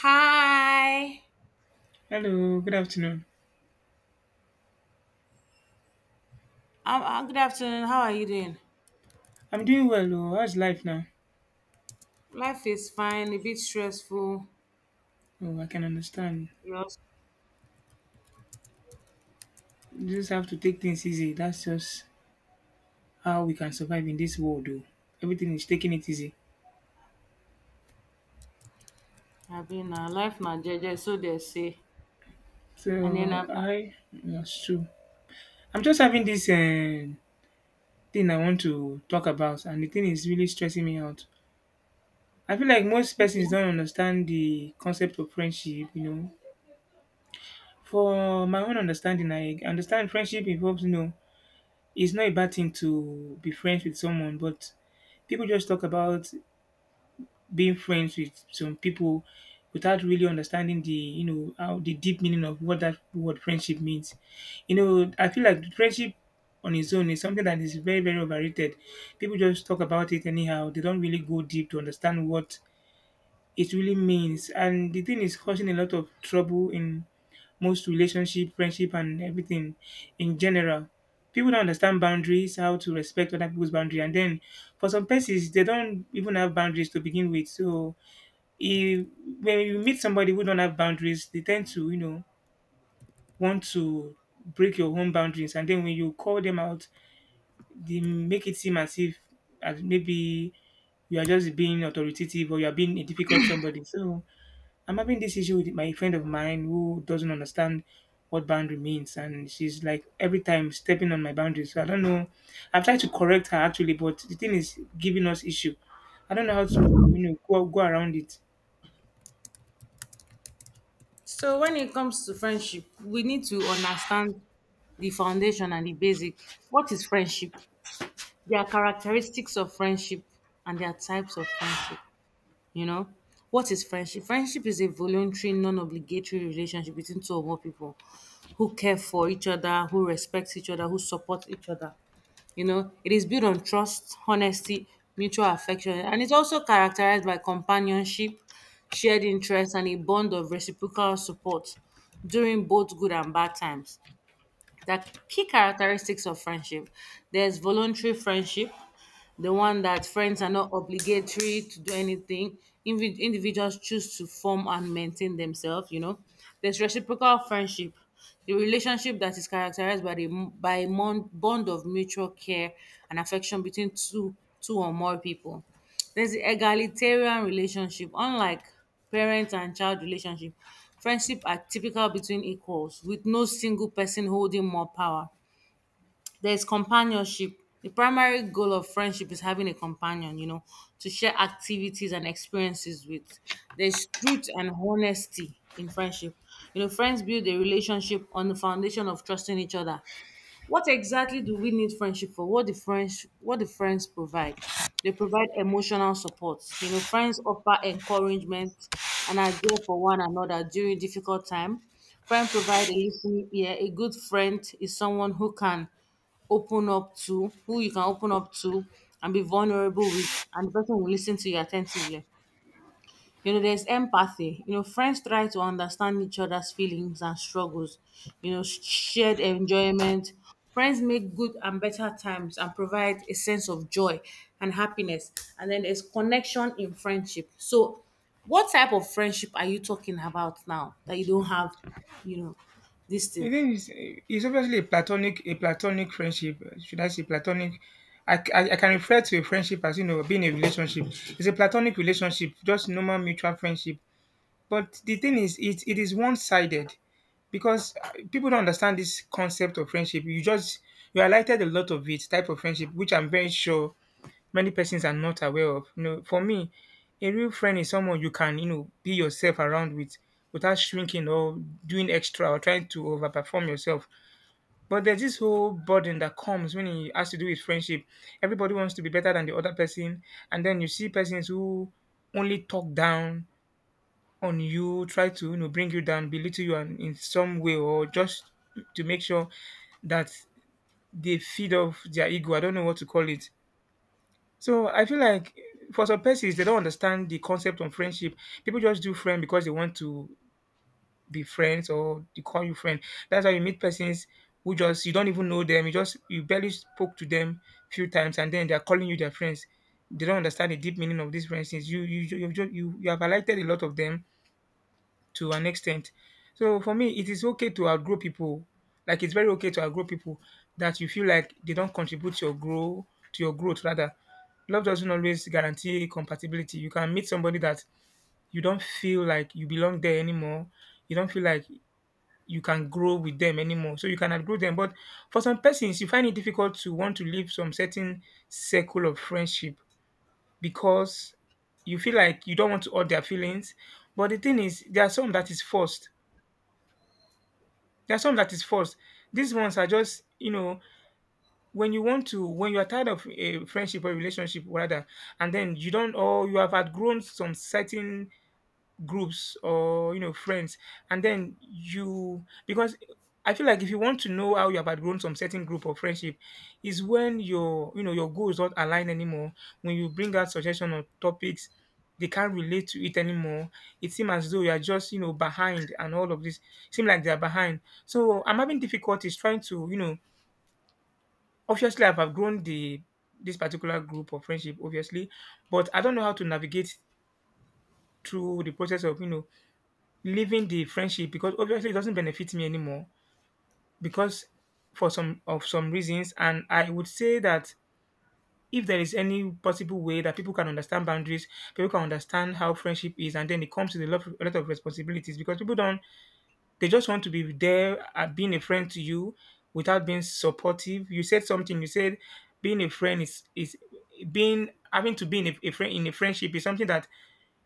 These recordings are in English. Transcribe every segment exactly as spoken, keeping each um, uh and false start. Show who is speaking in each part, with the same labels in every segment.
Speaker 1: Hi. Um,
Speaker 2: Hello, good afternoon.
Speaker 1: uh, good afternoon. How are you doing?
Speaker 2: I'm doing well. Oh, how's life now?
Speaker 1: Life is fine, a bit stressful.
Speaker 2: Oh, I can understand.
Speaker 1: Yes.
Speaker 2: You just have to take things easy. That's just how we can survive in this world. Oh, everything is taking it easy.
Speaker 1: I've been uh, life na jeje, so they say. And then
Speaker 2: So
Speaker 1: um, uh,
Speaker 2: I, that's true. I'm just having this uh, thing I want to talk about, and the thing is really stressing me out. I feel like most persons don't understand the concept of friendship. You know, for my own understanding, I understand friendship involves you know It's not a bad thing to be friends with someone, but people just talk about being friends with some people without really understanding the you know how the deep meaning of what that word friendship means. You know, I feel like friendship on its own is something that is very very overrated. People just talk about it anyhow. They don't really go deep to understand what it really means. And the thing is causing a lot of trouble in most relationship, friendship, and everything in general. People don't understand boundaries, how to respect other people's boundary, and then for some persons they don't even have boundaries to begin with. So if, when you meet somebody who don't have boundaries, they tend to you know want to break your own boundaries, and then when you call them out, they make it seem as if as maybe you are just being authoritative or you are being a difficult somebody. So I'm having this issue with my friend of mine who doesn't understand what boundary means, and she's like every time stepping on my boundaries. So I don't know. I've tried to correct her actually, but the thing is giving us issue. I don't know how to you know go, go around it.
Speaker 1: so when it comes to friendship, we need to understand the foundation and the basic. What is friendship? There are characteristics of friendship, and there are types of friendship. You know, what is friendship? Friendship is a voluntary, non-obligatory relationship between two or more people who care for each other, who respect each other, who support each other. You know, it is built on trust, honesty, mutual affection, and it's also characterized by companionship, shared interest, and a bond of reciprocal support during both good and bad times, the key characteristics of friendship. There's voluntary friendship, the one that friends are not obligatory to do anything. Invi- individuals choose to form and maintain themselves, you know. There's reciprocal friendship, the relationship that is characterized by the by a mon- bond of mutual care and affection between two two or more people. There's the egalitarian relationship. Unlike parent and child relationship, friendship are typical between equals, with no single person holding more power. There's companionship. The primary goal of friendship is having a companion, you know, to share activities and experiences with. There's truth and honesty in friendship. You know, friends build a relationship on the foundation of trusting each other. What exactly do we need friendship for? What the friends what the friends provide? They provide emotional support. You know, friends offer encouragement and are there for one another during difficult time. Friend provide a listening ear. A good friend is someone who can open up to, who you can open up to and be vulnerable with, and the person will listen to you attentively. You know, there's empathy. You know, friends try to understand each other's feelings and struggles. You know, shared enjoyment. Friends make good and better times and provide a sense of joy and happiness. And then there's connection in friendship. So, what type of friendship are you talking about now that you don't have, you know, this
Speaker 2: The
Speaker 1: thing?
Speaker 2: thing is, eh, it's obviously a platonic, a platonic friendship. eh, Should I say platonic? I, c- I- I can refer to a friendship as you know being a relationship. It's a platonic relationship, just normal mutual friendship. But the thing is, it, it is one sided because uh, people don't understand this concept of friendship. You just you highlighted a lot of it type of friendship, which I'm very sure many persons are not aware of. You know, for me, a real friend is someone you can you know be yourself around with without shrinking or doing extra or trying to overperform yourself. But there's this whole burden that comes when it has to do with friendship. Everybody wants to be better than the other person, and then you see persons who only talk down on you, try to you know bring you down, belittle you and in some way, or just to make sure that they feed off their ego. I don't know what to call it. So I feel like for some persons they don't understand the concept of friendship. People just do friend because they want to be friends or they call you friend. That's why you meet persons who just you don't even know them. You just you barely spoke to them few times and then they are calling you their friends. They don't understand the deep meaning of these friends. Since you you you you, you have highlighted a lot of them to an extent. So for me, it is okay to outgrow people. Like it's very okay to outgrow people that you feel like they don't contribute to your grow to your growth rather. Love doesn't always guarantee compatibility. You can meet somebody that you don't feel like you belong there anymore. You don't feel like you can grow with them anymore. So you can outgrow them. But for some persons, you find it difficult to want to leave some certain circle of friendship because you feel like you don't want to hurt their feelings. But the thing is, there are some that is forced There are some that is false. These ones are just, you know, when you want to, when you are tired of a friendship or relationship rather, and then you don't, or you have outgrown some certain groups or you know friends, and then you because I feel like if you want to know how you have outgrown some certain group or friendship is when your you know your goals not align anymore. When you bring out suggestion on topics, they can't relate to it anymore. It seems as though you are just you know behind, and all of this seem like they are behind. So I'm having difficulties trying to you know obviously I've outgrown the this particular group of friendship obviously, but I don't know how to navigate through the process of you know leaving the friendship, because obviously it doesn't benefit me anymore, because for some of some reasons. And I would say that if there is any possible way that people can understand boundaries, people can understand how friendship is, and then it comes with a lot, a lot of responsibilities, because people don't, they just want to be there at being a friend to you without being supportive. You said something. You said being a friend is is being, having to be in a, a friend, in a friendship is something that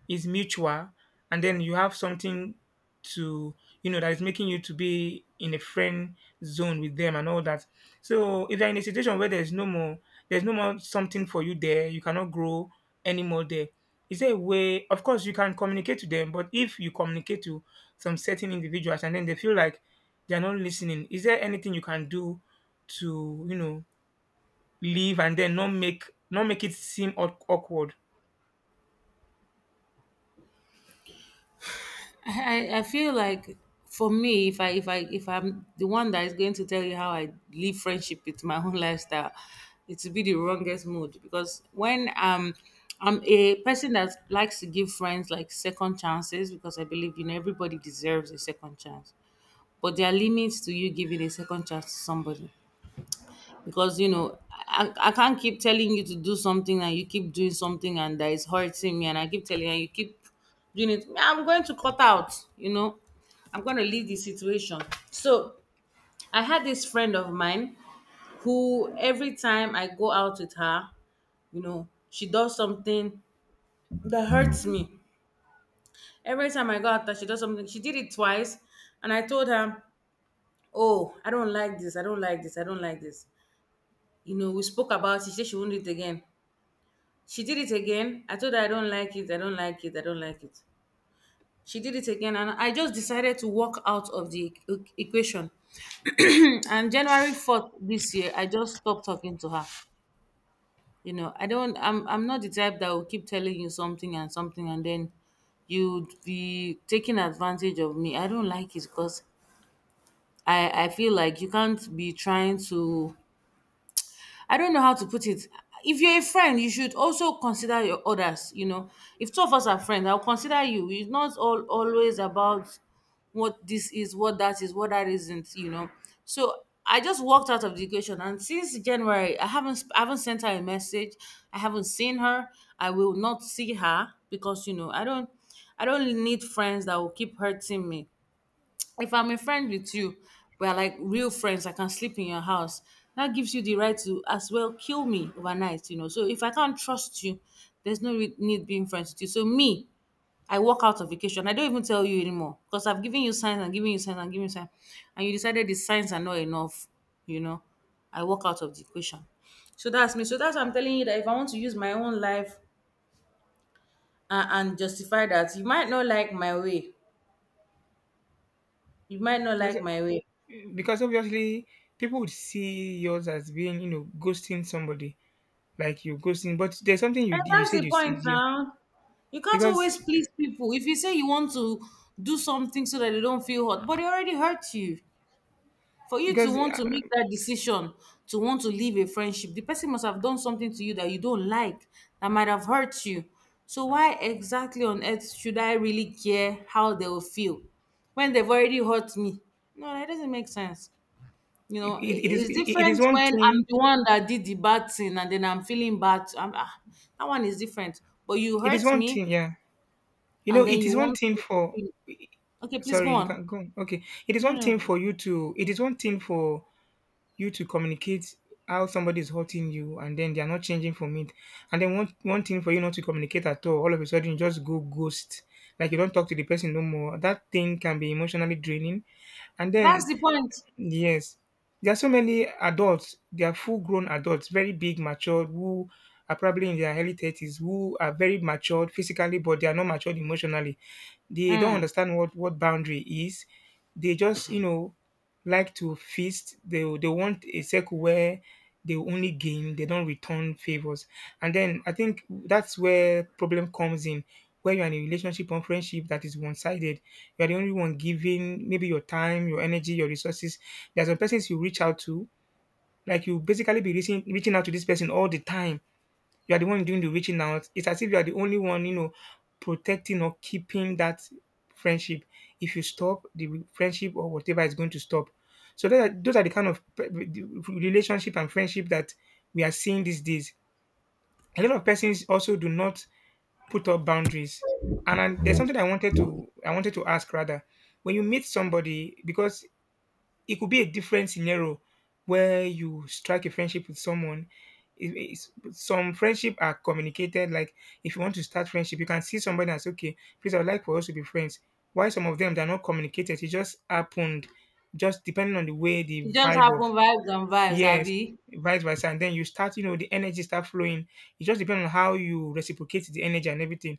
Speaker 2: is mutual, and then you have something to you know that is making you to be in a friend zone with them and all that. So if you're in a situation where there's no more there's no more something for you there, you cannot grow anymore there. Is there a way? Of course you can communicate to them, but if you communicate to some certain individuals and then they feel like they're not listening, is there anything you can do to you know leave and then not make not make it seem awk- awkward?
Speaker 1: I, I feel like for me, if I if I if I'm the one that is going to tell you how I live friendship with my own lifestyle, it will be the wrongest mood, because when um I'm a person that likes to give friends like second chances, because I believe you know everybody deserves a second chance, but there are limits to you giving a second chance to somebody because you know I, I can't keep telling you to do something and you keep doing something and that is hurting me, and I keep telling you and you keep doing it. I'm going to cut out, you know. I'm going to leave the situation. So I had this friend of mine who every time I go out with her, you know, she does something that hurts me. Every time I go out, that she does something. She did it twice, and I told her, "Oh, I don't like this. I don't like this. I don't like this." You know, we spoke about it. She said she won't do it again. She did it again. I told her I don't like it. I don't like it. I don't like it. She did it again, and I just decided to walk out of the equ- equation. And January fourth this year, I just stopped talking to her. You know, I don't. I'm. I'm not the type that will keep telling you something and something, and then you'd be taking advantage of me. I don't like it, because I. I feel like you can't be trying to— I don't know how to put it. If you're a friend, you should also consider your others. You know, if two of us are friends, I'll consider you. It's not all always about what this is, what that is, what that isn't. You know, so I just walked out of the equation, and since January, I haven't sp- I haven't sent her a message. I haven't seen her. I will not see her, because you know I don't I don't need friends that will keep hurting me. If I'm a friend with you, we're like real friends, I can sleep in your house. That gives you the right to as well kill me overnight, you know. So if I can't trust you, there's no re- need being friends with you. So me, I walk out of vacation. I don't even tell you anymore, because I've given you signs and given you signs and given you signs, and you decided the signs are not enough, you know. I walk out of the equation. So that's me. So that's why I'm telling you that if I want to use my own life and, and justify that, you might not like my way. You might not
Speaker 2: because
Speaker 1: like my way.
Speaker 2: because obviously people would see yours as being you know ghosting somebody, like you ghosting. But there's something
Speaker 1: And
Speaker 2: you you
Speaker 1: that's
Speaker 2: said
Speaker 1: the
Speaker 2: you said.
Speaker 1: point
Speaker 2: Yeah,
Speaker 1: now. You can't
Speaker 2: because
Speaker 1: always please people. If you say you want to do something so that they don't feel hurt, but they already hurt you. For you to
Speaker 2: because
Speaker 1: want
Speaker 2: uh,
Speaker 1: to make that decision, to want to leave a friendship, the person must have done something to you that you don't like, that might have hurt you. So why exactly on earth should I really care how they will feel when they've already hurt me? No, that doesn't make sense. You know, i-
Speaker 2: it, it is
Speaker 1: it's
Speaker 2: it, it is
Speaker 1: different
Speaker 2: one
Speaker 1: when I'm
Speaker 2: thing,
Speaker 1: the one that did the bad thing and then I'm feeling bad. I'm, ah, that one is different. But you
Speaker 2: it is
Speaker 1: hurt
Speaker 2: one
Speaker 1: me,
Speaker 2: thing, yeah, you know,
Speaker 1: and then
Speaker 2: it
Speaker 1: you
Speaker 2: is one
Speaker 1: want
Speaker 2: thing
Speaker 1: me to
Speaker 2: for,
Speaker 1: feel— Okay, please go
Speaker 2: sorry you
Speaker 1: on.
Speaker 2: can go on. Okay, it is
Speaker 1: No,
Speaker 2: one
Speaker 1: no,
Speaker 2: thing
Speaker 1: no.
Speaker 2: for you to it is one thing for you to communicate how somebody is hurting you and then they are not changing from it. And then one one thing for you not to communicate at all, all of a sudden you just go ghost. Like you don't talk to the person no more. That thing can be emotionally draining. And
Speaker 1: That's
Speaker 2: then
Speaker 1: the point.
Speaker 2: yes, there are so many adults. They are full-grown adults, very big, matured, who are probably in their early thirties, who are very matured physically, but they are not matured emotionally. They don't
Speaker 1: Mm.
Speaker 2: understand what what boundary is. They just, you know, like to feast. They they want a circle where they will only gain, they don't return favors. And then I think that's where problem comes in, where you're in a relationship or friendship that is one-sided. You're the only one giving, maybe your time, your energy, your resources. There's some persons you reach out to, like you basically be reaching, reaching out to this person all the time. You are the one doing the reaching out. It's as if you are the only one, you know, protecting or keeping that friendship. If you stop, the friendship or whatever is going to stop. So that, are- those are the kind of pe- the relationship and friendship that we are seeing these days. A lot of persons also do not put up boundaries. And I, there's something I wanted to I wanted to ask rather. When you meet somebody, because it could be a different scenario where you strike a friendship with someone. It- it's- some friendship are communicated. Like if you want to start friendship, you can see somebody and say, "Okay, please, I would like for us to be friends." Why some of them they're not communicated? It just happened, just depending on the way the
Speaker 1: It just
Speaker 2: vibe of
Speaker 1: happen vibes and vibes,
Speaker 2: yes,
Speaker 1: Abby.
Speaker 2: vice versa, and then you start, you know, the energy start flowing. It just depends on how you reciprocate the energy and everything.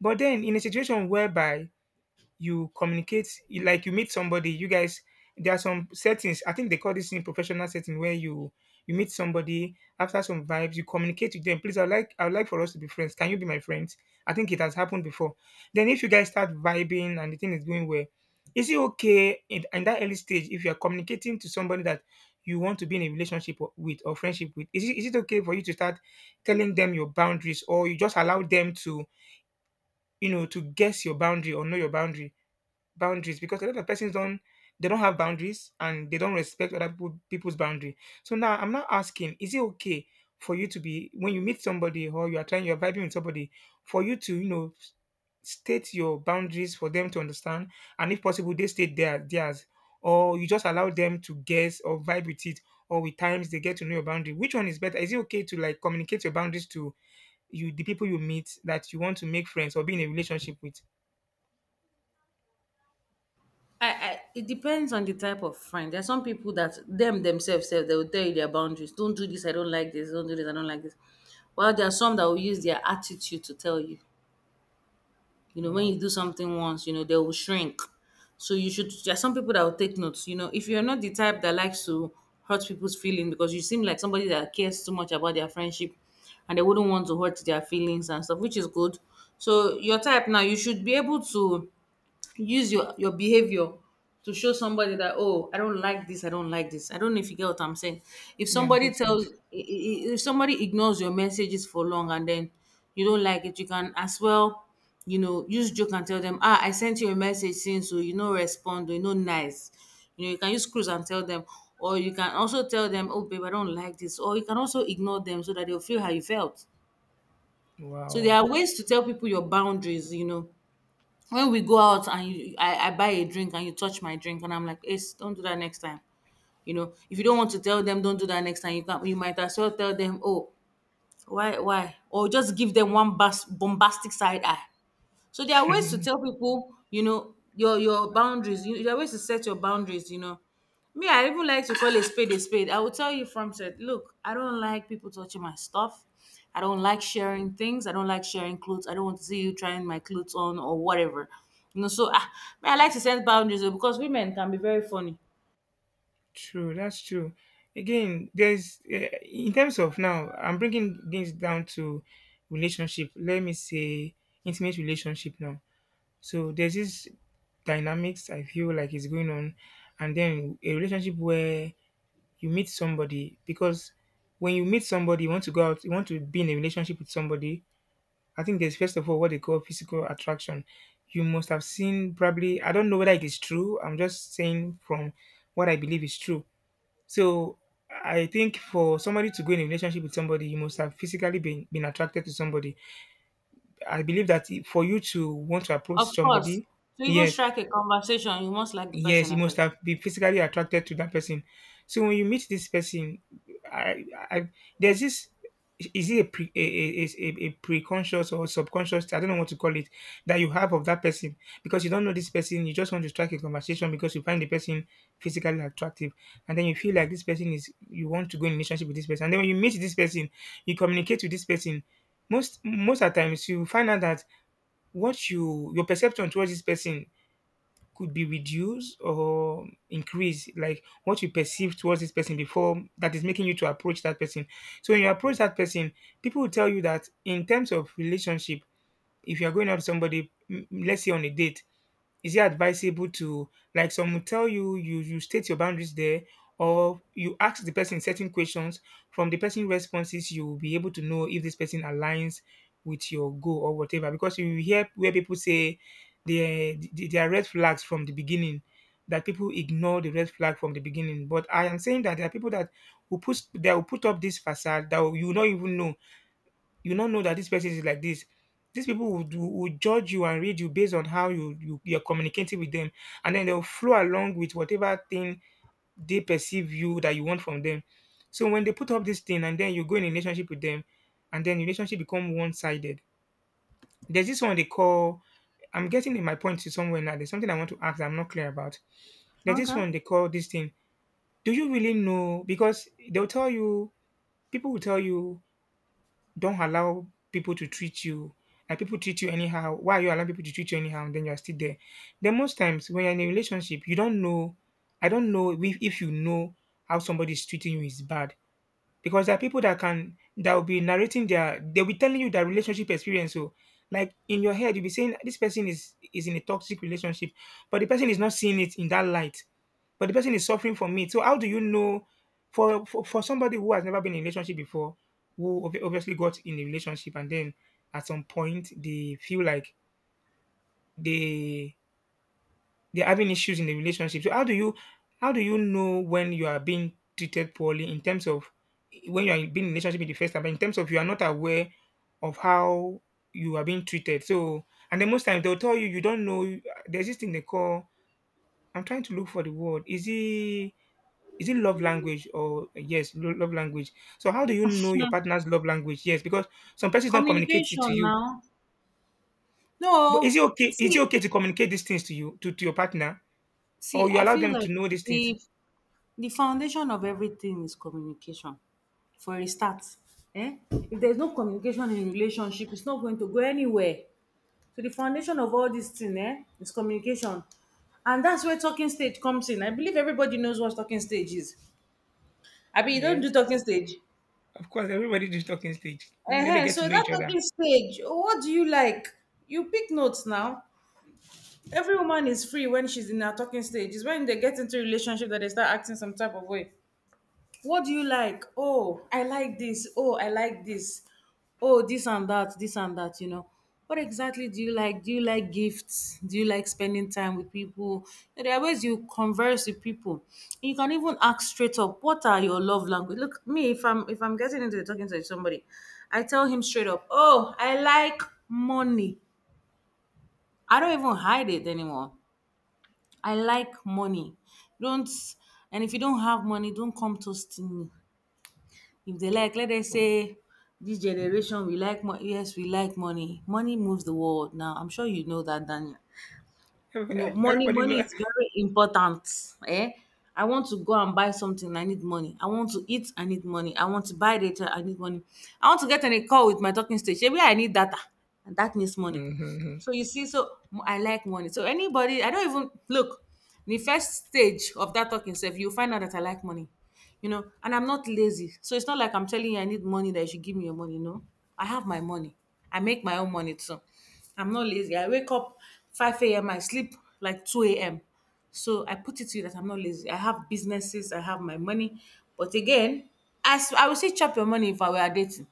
Speaker 2: But then in a situation whereby you communicate, like you meet somebody, you guys— there are some settings, I think they call this in professional setting, where you— you meet somebody after some vibes, you communicate with them, "Please, i would like i would like for us to be friends. Can you be my friend?" I think it has happened before. Then if you guys start vibing and the thing is going well, is it okay in, in that early stage, if you are communicating to somebody that you want to be in a relationship or- with, or friendship with, is it, is it okay for you to start telling them your boundaries, or you just allow them to, you know, to guess your boundary or know your boundary— boundaries, because a lot of persons don't— they don't have boundaries and they don't respect other people, people's boundary. So now I'm not asking, is it okay for you to be, when you meet somebody or you are trying, you're vibing with somebody, for you to, you know, s- state your boundaries for them to understand, and if possible they state their theirs, or you just allow them to guess or vibe with it, or with times they get to know your boundary. Which one is better? Is it okay to like communicate your boundaries to you, the people you meet that you want to make friends or be in a relationship with?
Speaker 1: I, I it depends on the type of friend. There are some people that them themselves say they will tell you their boundaries: don't do this, I don't like this, don't do this, I don't like this. Well, there are some that will use their attitude to tell you. You know, when
Speaker 2: Wow.
Speaker 1: you do something once, you know, they will shrink. So you should— there are some people that will take notes. You know, if you're not the type that likes to hurt people's feelings because you seem like somebody that cares too much about their friendship and they wouldn't want to hurt their feelings and stuff, which is good. So your type now, you should be able to use your your behavior to show somebody that oh, I don't like this, I don't like this. I don't know if you get what I'm saying. If
Speaker 2: Yeah, I'm
Speaker 1: somebody
Speaker 2: getting it.
Speaker 1: tells— i- i- if somebody ignores your messages for long and then you don't like it, you can as well, you know, use joke and tell them, ah, I sent you a message since, so you know, respond, or you know, nice. You know, you can use cruise and tell them, or you can also tell them, oh babe, I don't like this, or you can also ignore them so that they'll feel how you felt. So there
Speaker 2: Wow.
Speaker 1: are ways to tell people your boundaries, you know. When we go out and you— I, I buy a drink and you touch my drink and I'm like, Ace, don't do that next time. You know, if you don't want to tell them, don't do that next time, you can— you might as well tell them, oh, why, why, or just give them one bas- bombastic side eye. So there are ways to
Speaker 2: True.
Speaker 1: tell people, you know, your your boundaries. You, there are ways to set your boundaries. You know, me, I even like to call a spade a spade. I will tell you from said, look, I don't like people touching my stuff. I don't like sharing things. I don't like sharing clothes. I don't want to see you trying my clothes on or whatever. You know, so ah, me, I like to set boundaries oh, because women can be very funny.
Speaker 2: That's true. Again, there's uh, in terms of now, I'm bringing things down to relationship. Let me say intimate relationship now. So there's this dynamics I feel like is going on, and then a relationship where you meet somebody, because when you meet somebody, you want to go out, you want to be in a relationship with somebody, I think there's first of all what they call physical attraction. You must have seen, probably, I don't know whether it is true. I'm just saying from what I believe is true. So I think for somebody to go in a relationship with somebody, you must have physically been, been attracted to somebody. I believe that i- for you to want to approach
Speaker 1: Of course,
Speaker 2: somebody,
Speaker 1: to even
Speaker 2: yes,
Speaker 1: strike a conversation, you must like the
Speaker 2: yes,
Speaker 1: person
Speaker 2: you
Speaker 1: at
Speaker 2: must
Speaker 1: first.
Speaker 2: have been physically attracted to that person. So when you meet this person, i i there's this, is it a pre a, a, a, a preconscious or subconscious, I don't know what to call it, that you have of that person, because you don't know this person, you just want to strike a conversation because you find the person physically attractive, and then you feel like this person is— you want to go in relationship with this person. And then when you meet this person, you communicate with this person, most most of the times you find out that what you— your perception towards this person could be reduced or increased, like what you perceive towards this person before that is making you to approach that person. So when you approach that person, people will tell you that in terms of relationship, if you are going out with somebody, m- let's say on a date, is it advisable to, like, some will tell you, you— you state your boundaries there, or you ask the person certain questions. From the person responses, you will be able to know if this person aligns with your goal or whatever. Because you hear where people say there there are red flags from the beginning, that people ignore the red flag from the beginning. But I am saying that there are people that will put— that will put up this facade that you will not even know, you not know that this person is like this. These people would, would judge you and read you based on how you, you you're communicating with them, and then they'll flow along with whatever thing they perceive you that you want from them. So when they put up this thing, and then you go in a relationship with them, and then relationship become one sided. There's this one they call— I'm getting in my point to somewhere now. There's something I want to ask that I'm not clear about. There's this
Speaker 1: Okay.
Speaker 2: one they call this thing. Do you really know? Because they'll tell you, people will tell you, don't allow people to treat you like— people treat you anyhow, why are you allowing people to treat you anyhow, and then you're still there. Then most times when you're in a relationship, you don't know. I don't know if, if you know how somebody is treating you is bad. Because there are people that can— that will be narrating their— they'll be telling you their relationship experience. So like in your head you'll be saying this person is— is in a toxic relationship, but the person is not seeing it in that light, but the person is suffering from it. So how do you know, for for, for somebody who has never been in a relationship before, who ob- obviously got in a relationship and then at some point they feel like they— they're having issues in the relationship. So how do you— how do you know when you are being treated poorly, in terms of when you are being in a relationship in the first time, but in terms of you are not aware of how you are being treated. So, and then most times they'll tell you, you don't know. There's this thing they call— I'm trying to look for the word. Is it— is it love language? Or yes, lo- love language. So how do you know your partner's love language? Yes, because some persons don't communicate it to
Speaker 1: Communication
Speaker 2: you.
Speaker 1: now.
Speaker 2: But
Speaker 1: No,
Speaker 2: is it okay is it
Speaker 1: see,
Speaker 2: okay to communicate these things to you— to, to your partner,
Speaker 1: see,
Speaker 2: or you
Speaker 1: I
Speaker 2: allow
Speaker 1: feel
Speaker 2: them to
Speaker 1: like
Speaker 2: know these things?
Speaker 1: the The foundation of everything is communication for a start. Eh? If there is no communication in relationship, it's not going to go anywhere. So the foundation of all this thing, eh, is communication, and that's where talking stage comes in. I believe everybody knows what talking stage is. I Abi you don't do
Speaker 2: Yes,
Speaker 1: talking stage?
Speaker 2: of course, everybody is talking stage, you know, they
Speaker 1: um
Speaker 2: get to
Speaker 1: so
Speaker 2: know
Speaker 1: that
Speaker 2: each other.
Speaker 1: talking stage, what do you like? You pick notes now. Every woman is free when she's in her talking stage. It's when they get into a relationship that they start acting some type of way. What do you like? Oh, I like this. Oh, I like this. Oh, this and that, this and that, you know. What exactly do you like? Do you like gifts? Do you like spending time with people? There are ways you converse with people. You can even ask straight up, what are your love language? Look, me, if I'm if I'm getting into talking to somebody, I tell him straight up, oh, I like money. I don't even hide it anymore. I like money. Don't, and if you don't have money, don't come toasting me. If they like, let us say this generation we like mo- yes, we like money. Money moves the world now. I'm sure you know that, Daniel. No, money,
Speaker 2: Everybody
Speaker 1: money
Speaker 2: lo-
Speaker 1: is very important. Eh? I want to go and buy something, I need money. I want to eat, I need money. I want to buy data, I need money. I want to get on a call with my talking stage. Maybe I need data, and that needs money.
Speaker 2: Mhm.
Speaker 1: So you see, so m- I like money. So anybody, I don't even look. The first stage of that talking self, you find out that I like money, you know, and I'm not lazy. So it's not like I'm telling you I need money that you should give me your money. No, I have my money. I make my own money too. I'm not lazy. I wake up five a m. I sleep like two a m. So I put it to you that I'm not lazy. I have businesses, I have my money. But again, as I will say, chop your money if I were dating.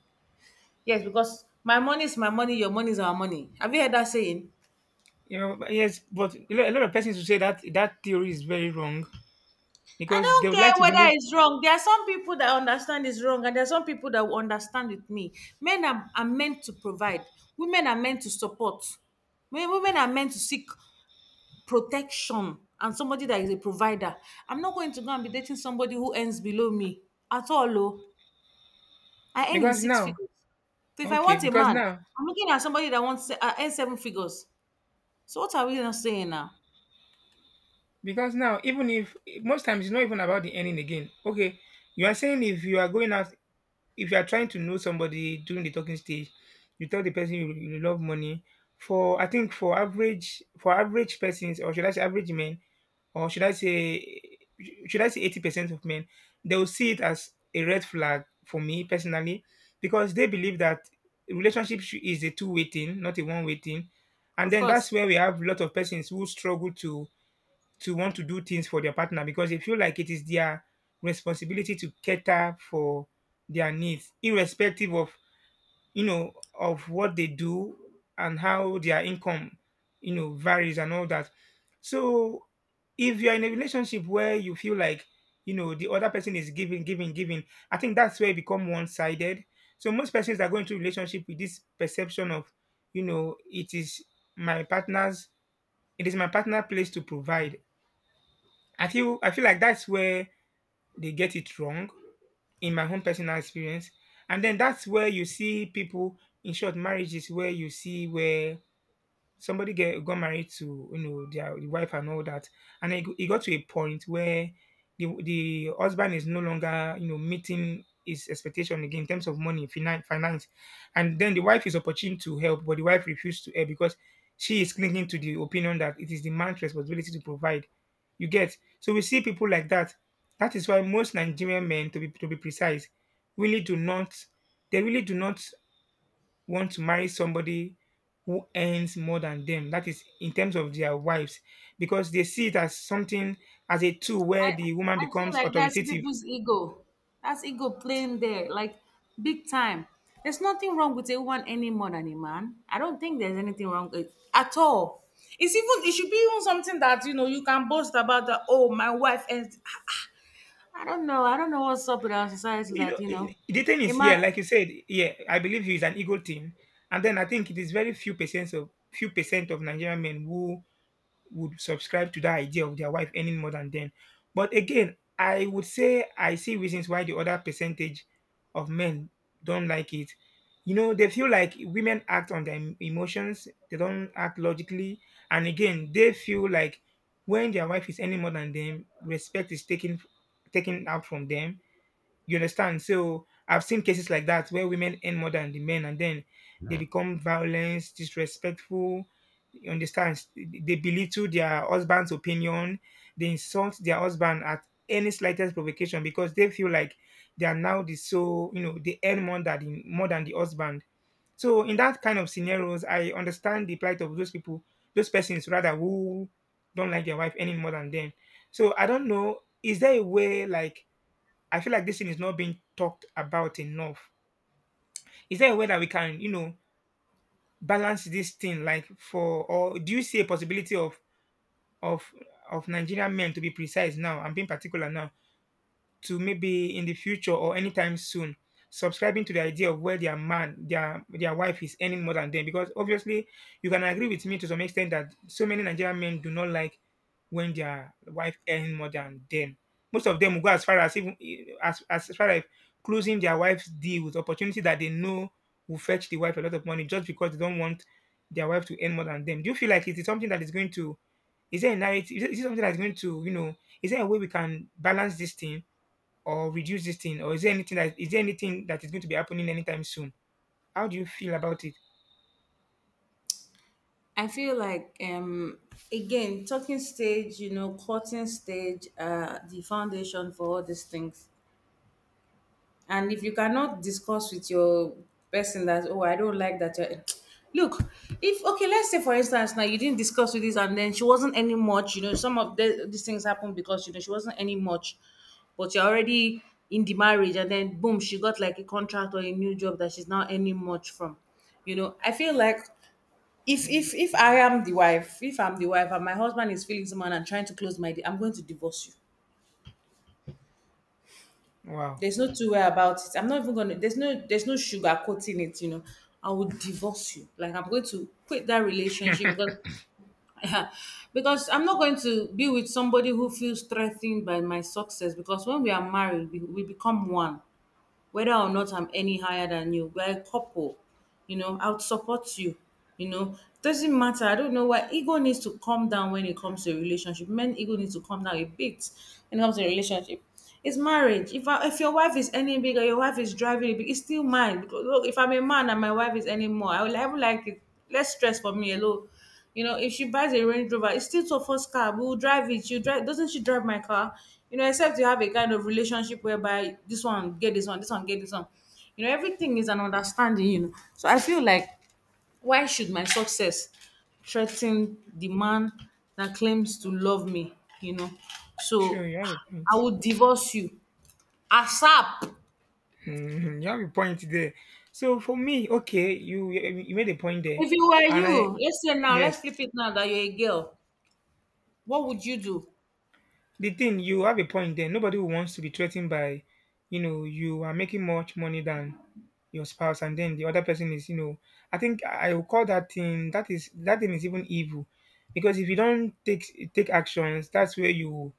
Speaker 1: Yes, because my money is my money, your money is our money. Have you heard that saying?
Speaker 2: You know, but yes, but a lo- a lot of persons will say that that theory is very wrong,
Speaker 1: I
Speaker 2: because they
Speaker 1: don't
Speaker 2: would like
Speaker 1: care
Speaker 2: to believe—
Speaker 1: whether it's wrong. There are some people that understand it's wrong, and there are some people that will understand with me. Men are, are meant to provide, women are meant to support. Wo- Women are meant to seek protection and somebody that is a provider. I'm not going to go and be dating somebody who earns below me at all. Oh, I earn in
Speaker 2: because
Speaker 1: six
Speaker 2: now,
Speaker 1: figures. So if I
Speaker 2: okay,
Speaker 1: want a
Speaker 2: because
Speaker 1: man,
Speaker 2: now—
Speaker 1: I'm looking at somebody that wants to uh, earn seven figures. So what are we not saying now?
Speaker 2: because now, even if— most times it's not even about the ending again. Okay, you are saying if you are going out, if you are trying to know somebody during the talking stage, you tell the person you, you love money. For, I think for average— for average persons, or should I say average men, or should I say— should I say eighty percent of men, they will see it as a red flag. For me personally, because they believe that relationship should- is a two way thing, not a one way thing, and
Speaker 1: Of
Speaker 2: then that's
Speaker 1: course,
Speaker 2: where we have a lot of persons who struggle to— to want to do things for their partner because they feel like it is their responsibility to cater for their needs, irrespective of, you know, of what they do and how their income, you know, varies and all that. So if you're in a relationship where you feel like, you know, the other person is giving, giving, giving, I think that's where it become one-sided. So most persons are going to relationship with this perception of, you know, it is my partner's— it is my partner place to provide. I feel I feel like that's where they get it wrong, in my own personal experience. And then that's where you see people in short marriages, where you see where somebody get, got married to, you know, their wife and all that, and it, go- it got to a point where the, the husband is no longer, you know, meeting his expectation again in terms of money, finance, finance, and then the wife is opportune to help, but the wife refused to help because she is clinging to the opinion that it is the man's responsibility to provide. You get? So we see people like that. That is why most Nigerian men, to be to be precise, really do not— they really do not want to marry somebody who earns more than them. That is in terms of their wives, because they see it as something, as a tool
Speaker 1: I
Speaker 2: where the woman
Speaker 1: I feel
Speaker 2: becomes
Speaker 1: like that's
Speaker 2: authoritative.
Speaker 1: people's ego. That's ego playing there, like big time. There's nothing wrong with a woman any more than a man. I don't think there's anything wrong with at all. It's even, it should be even something that, you know, you can boast about that. Oh, my wife earns. I don't know. I don't know what's up with our society
Speaker 2: You
Speaker 1: that,
Speaker 2: know,
Speaker 1: you
Speaker 2: i-
Speaker 1: know,
Speaker 2: the thing
Speaker 1: a
Speaker 2: is,
Speaker 1: man.
Speaker 2: yeah, like you said, yeah, I believe he is an ego thing, and then I think it is very few percent of few percent of Nigerian men who would subscribe to that idea of their wife earning more than them. But again, I would say I see reasons why the other percentage of men don't like it. You know, they feel like women act on their em- emotions, they don't act logically. And again, they feel like when their wife is earning more than them, respect is taken— taken out from them, you understand? So I've seen cases like that where women earn more than the men, and then they become violent, disrespectful. You understand? They belittle their husband's opinion. They insult their husband at any slightest provocation, because they feel like they are now the— so, you know, they earn more than the, more than the husband. So in that kind of scenarios, I understand the plight of those people, those persons rather, who don't like their wife any more than them. So I don't know, is there a way, like, I feel like this thing is not being talked about enough. Is there a way that we can, you know, balance this thing like, for— or do you see a possibility of of of Nigerian men, to be precise now? I'm being particular now. To maybe in the future or anytime soon, subscribing to the idea of where their man their their wife is earning more than them. Because obviously you can agree with me to some extent that so many Nigerian men do not like when their wife earning more than them. Most of them will go as far as even as, as far as closing their wife's deal with opportunity that they know will fetch the wife a lot of money, just because they don't want their wife to earn more than them. Do you feel like it is something that is going to. Is there a narrative? Is it is it something that's going to, you know, is there a way we can balance this thing or reduce this thing? Or is there anything that is there anything that is going to be happening anytime soon? How do you feel about it?
Speaker 1: I feel like, um, again, talking stage, you know, cutting stage, uh, the foundation for all these things. And if you cannot discuss with your person that, oh, I don't like that you're look, if okay, let's say for instance now, you didn't discuss with this, and then she wasn't any much, you know. Some of the, these things happen because, you know, she wasn't any much, but you're already in the marriage, and then boom, she got like a contract or a new job that she's not any much from. You know, I feel like if if if I am the wife, if i'm the wife and my husband is feeling someone and trying to close my deal, I'm going to divorce you.
Speaker 2: Wow.
Speaker 1: There's no two way about it. I'm not even gonna. There's no. There's no sugarcoating it. You know, I will divorce you. Like, I'm going to quit that relationship because, because I'm not going to be with somebody who feels threatened by my success. Because when we are married, we, we become one. Whether or not I'm any higher than you, we're a couple, you know, I will support you. You know, doesn't matter. I don't know why ego needs to calm down when it comes to a relationship. Men ego needs to calm down a bit when it comes to a relationship. It's marriage. If I, if your wife is any bigger, your wife is driving it, big, it's still mine. Because look, if I'm a man and my wife is any more, I will. I would like it. Less stress for me alone. You know, if she buys a Range Rover, it's still her first car. We'll drive it. You drive. Doesn't she drive my car? You know, except you have a kind of relationship whereby this one get this one, this one get this one. You know, everything is an understanding. You know, so I feel like, why should my success threaten the man that claims to love me? You know, so
Speaker 2: Sure, you have a
Speaker 1: I
Speaker 2: point.
Speaker 1: would divorce you A S A P.
Speaker 2: Mhm, you have a point there. So for me, okay, you you made a point there.
Speaker 1: If you were,
Speaker 2: And I,
Speaker 1: you, let's say now, let's
Speaker 2: yes,
Speaker 1: flip it now that you're a girl, what would you do?
Speaker 2: the thing, you have a point there. Nobody who wants to be threatened by, you know, you are making much money than your spouse, and then the other person is you know I think I will call that thing, that is, that thing is even evil. Because if you don't take take actions, that's where you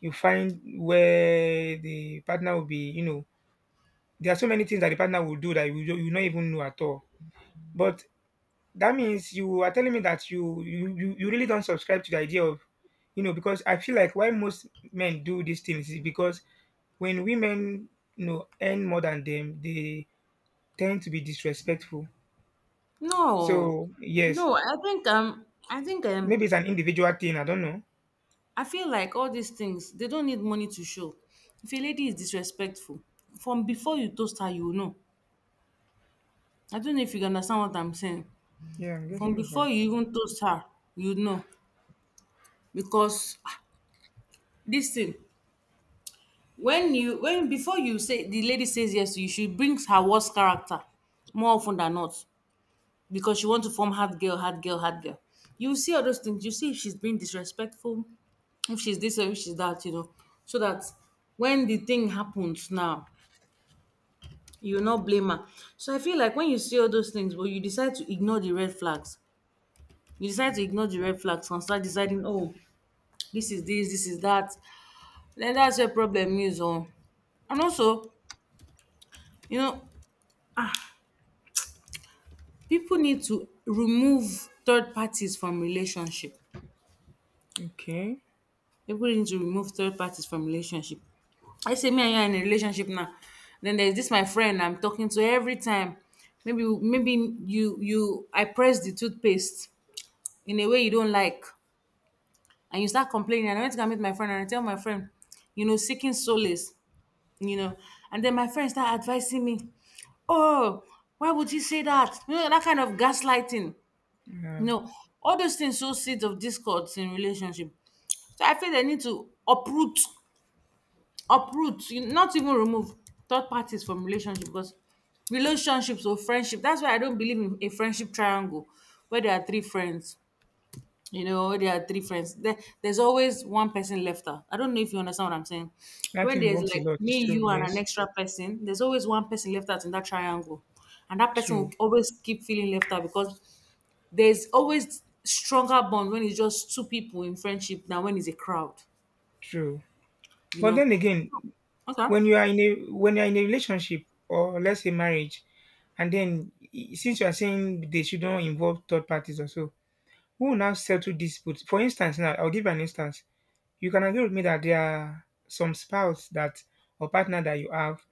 Speaker 2: you find where the partner will be, you know, there are so many things that the partner will do that you, don't- you will not even know at all. But that means you are telling me that you, you you you really don't subscribe to the idea of, you know, because I feel like why most men do these things is because when women, you know, earn more than them, they tend to be disrespectful.
Speaker 1: No,
Speaker 2: So
Speaker 1: no
Speaker 2: yes,
Speaker 1: i think um i think um
Speaker 2: maybe it's an individual thing. I don't know.
Speaker 1: I feel like all these things, they don't need money to show. If a lady is disrespectful, from before you toast her, you will know. I don't know if you can understand what I'm saying.
Speaker 2: Yeah, I'm
Speaker 1: From
Speaker 2: getting the
Speaker 1: before
Speaker 2: point.
Speaker 1: you even toast her, you know. Because ah, this thing, when you when before you say the lady says yes to you, she brings her worst character more often than not. Because she wants to form hard girl, hard girl, hard girl. You see all those things, you see if she's being disrespectful, if she's this or if she's that, you know. So that when the thing happens now, you will not blame her. So I feel like when you see all those things, but you decide to ignore the red flags, you decide to ignore the red flags and start deciding, oh, this is this, this is that. Like that's where problem is oh. And also, you know, people need to remove third parties from relationship.
Speaker 2: Okay.
Speaker 1: People need to remove third parties from relationship. I say me and you are in a relationship now, then there's this my friend I'm talking to every time. Maybe maybe you you I press the toothpaste in a way you don't like, and you start complaining, and I went to go meet my friend, and I tell my friend, you know, seeking solace, you know. And then my friend started advising me, "Oh, why would you say that?" You know, that kind of gaslighting. You
Speaker 2: Uh,
Speaker 1: know, all those things sow seeds of discord in relationship. So I feel they need to uproot, uproot, you- not even remove third parties from relationship because relationships or friendship. That's why I don't believe in a friendship triangle where there are three friends, you know, there are three friends there, there's always one person left out. I don't know if you understand what I'm saying. When
Speaker 2: nothing
Speaker 1: there's
Speaker 2: works
Speaker 1: like
Speaker 2: a lot.
Speaker 1: me,
Speaker 2: It's true.
Speaker 1: you, and an
Speaker 2: Yes.
Speaker 1: extra person, there's always one person left out in that triangle, and that person will
Speaker 2: True.
Speaker 1: always keep feeling left out because there's always stronger bond when it's just two people in friendship than when it's a crowd.
Speaker 2: True.
Speaker 1: You
Speaker 2: But
Speaker 1: know.
Speaker 2: then again,
Speaker 1: Okay.
Speaker 2: when you are in a when you are in a relationship, or let's say marriage, and then i- since you are saying they shouldn't involve third parties or so, who will now settle disputes? For instance, now I'll give you an instance. You can agree with me that there are some spouse that, or partner that you have,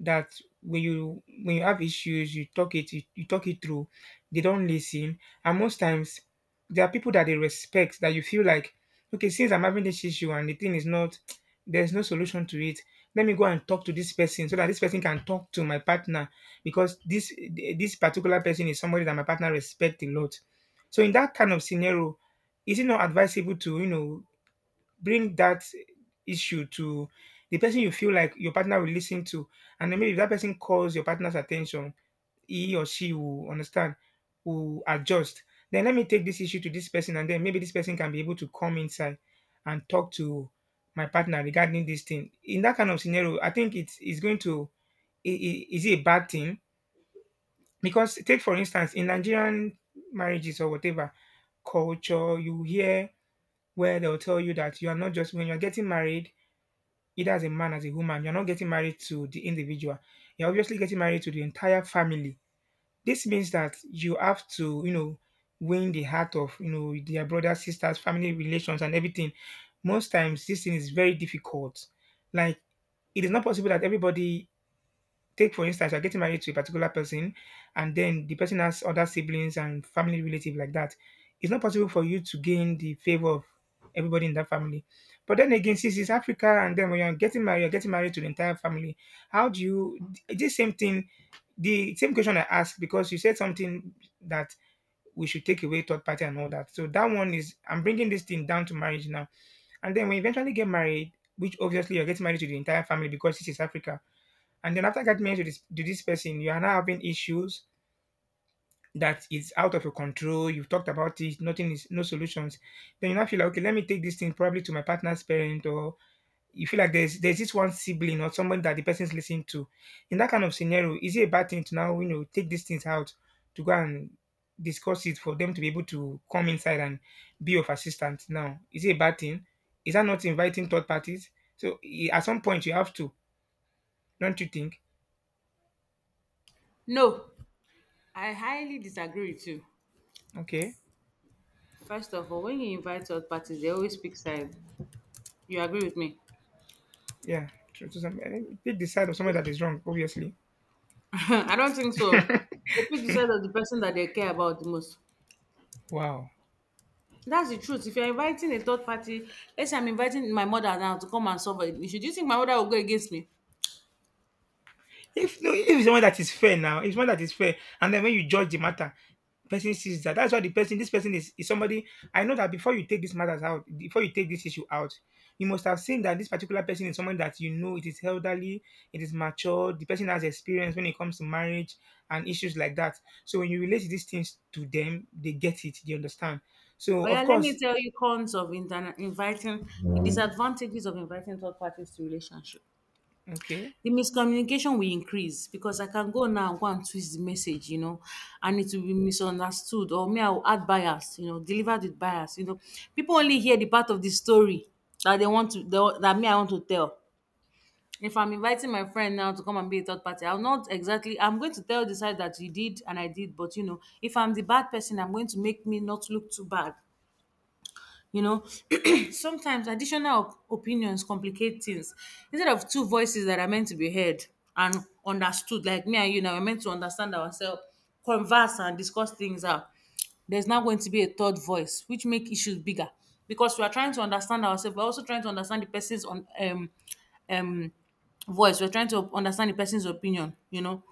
Speaker 2: that when you when you have issues, you talk it, you, you talk it through. They don't listen, and most times there are people that they respect that you feel like, okay, since I'm having this issue and the thing is not, there's no solution to it. Let me go and talk to this person so that this person can talk to my partner, because this this particular person is somebody that my partner respect a lot. So in that kind of scenario, is it not advisable to, you know, bring that issue to the person you feel like your partner will listen to? And then maybe if that person calls your partner's attention, he or she will understand, will adjust. Then let me take this issue to this person, and then maybe this person can be able to come inside and talk to my partner regarding this thing. In that kind of scenario, I think it's, it's going to, i- i- is it a bad thing? Because, take for instance, in Nigerian marriages or whatever culture, you hear where they'll tell you that you are not just, when you're getting married, either as a man, as a woman, you're not getting married to the individual. You're obviously getting married to the entire family. This means that you have to, you know, win the heart of, you know, their brothers, sisters, family relations, and everything. Most times, this thing is very difficult. Like, it is not possible that everybody. Take for instance, you're getting married to a particular person, and then the person has other siblings and family relative like that. It's not possible for you to gain the favor of everybody in that family. But then again, since it's Africa, and then when you're getting married, you're getting married to the entire family. How do you? This same thing, the same question I asked, because you said something that we should take away third party and all that. So that one is, I'm bringing this thing down to marriage now. And then when you eventually get married, which obviously you're getting married to the entire family because this is Africa, and then after getting married to this to this person, you are now having issues that is out of your control. You've talked about it, nothing is no solutions. Then you now feel like, okay, let me take this thing probably to my partner's parent, or you feel like there's there's this one sibling or someone that the person's listening to. In that kind of scenario, is it a bad thing to now, you know, take these things out, to go and discuss it for them to be able to come inside and be of assistance? Now, is it a bad thing? Is that not inviting third parties? So i- at some point you have to, don't you think?
Speaker 1: No, I highly disagree with you.
Speaker 2: Okay.
Speaker 1: First of all, when you invite third parties, they always pick side. You agree with me.
Speaker 2: Yeah, true to some. eh, They decide on someone that is wrong, obviously.
Speaker 1: I don't think so. They pick the side of the person that they care about the most.
Speaker 2: Wow.
Speaker 1: That's the truth. If you're inviting a third party, let's say I'm inviting my mother now to come and solve an issue. Do you think my mother will go against me?
Speaker 2: If no, if it's someone that is fair now, if it's someone that is fair, and then when you judge the matter, person sees that. That's why the person, this person is, is somebody. I know that before you take this matters out, before you take this issue out, you must have seen that this particular person is someone that, you know, it is elderly, it is mature, the person has experience when it comes to marriage and issues like that. So when you relate these things to them, they get it, they understand. So
Speaker 1: Oh yeah,
Speaker 2: of
Speaker 1: let me
Speaker 2: course,
Speaker 1: tell you cons of interna- inviting, the disadvantages of inviting third parties to relationship.
Speaker 2: okay,
Speaker 1: The miscommunication will increase, because I can go now and go and twist the message, you know, and it will be misunderstood. Or me, I will add bias, you know, delivered with bias. You know, people only hear the part of the story that they want to, that that me I want to tell. If I'm inviting my friend now to come and be a third party, I'll not exactly, I'm going to tell the side that you did and I did, but you know, if I'm the bad person, I'm going to make me not look too bad. You know, sometimes additional op- opinions complicate things. Instead of two voices that are meant to be heard and understood, like me and you now, we're meant to understand ourselves, converse and discuss things out. There's now going to be a third voice, which make issues bigger because we are trying to understand ourselves. We're also trying to understand the person's on um um voice, we're trying to understand the person's opinion, you know,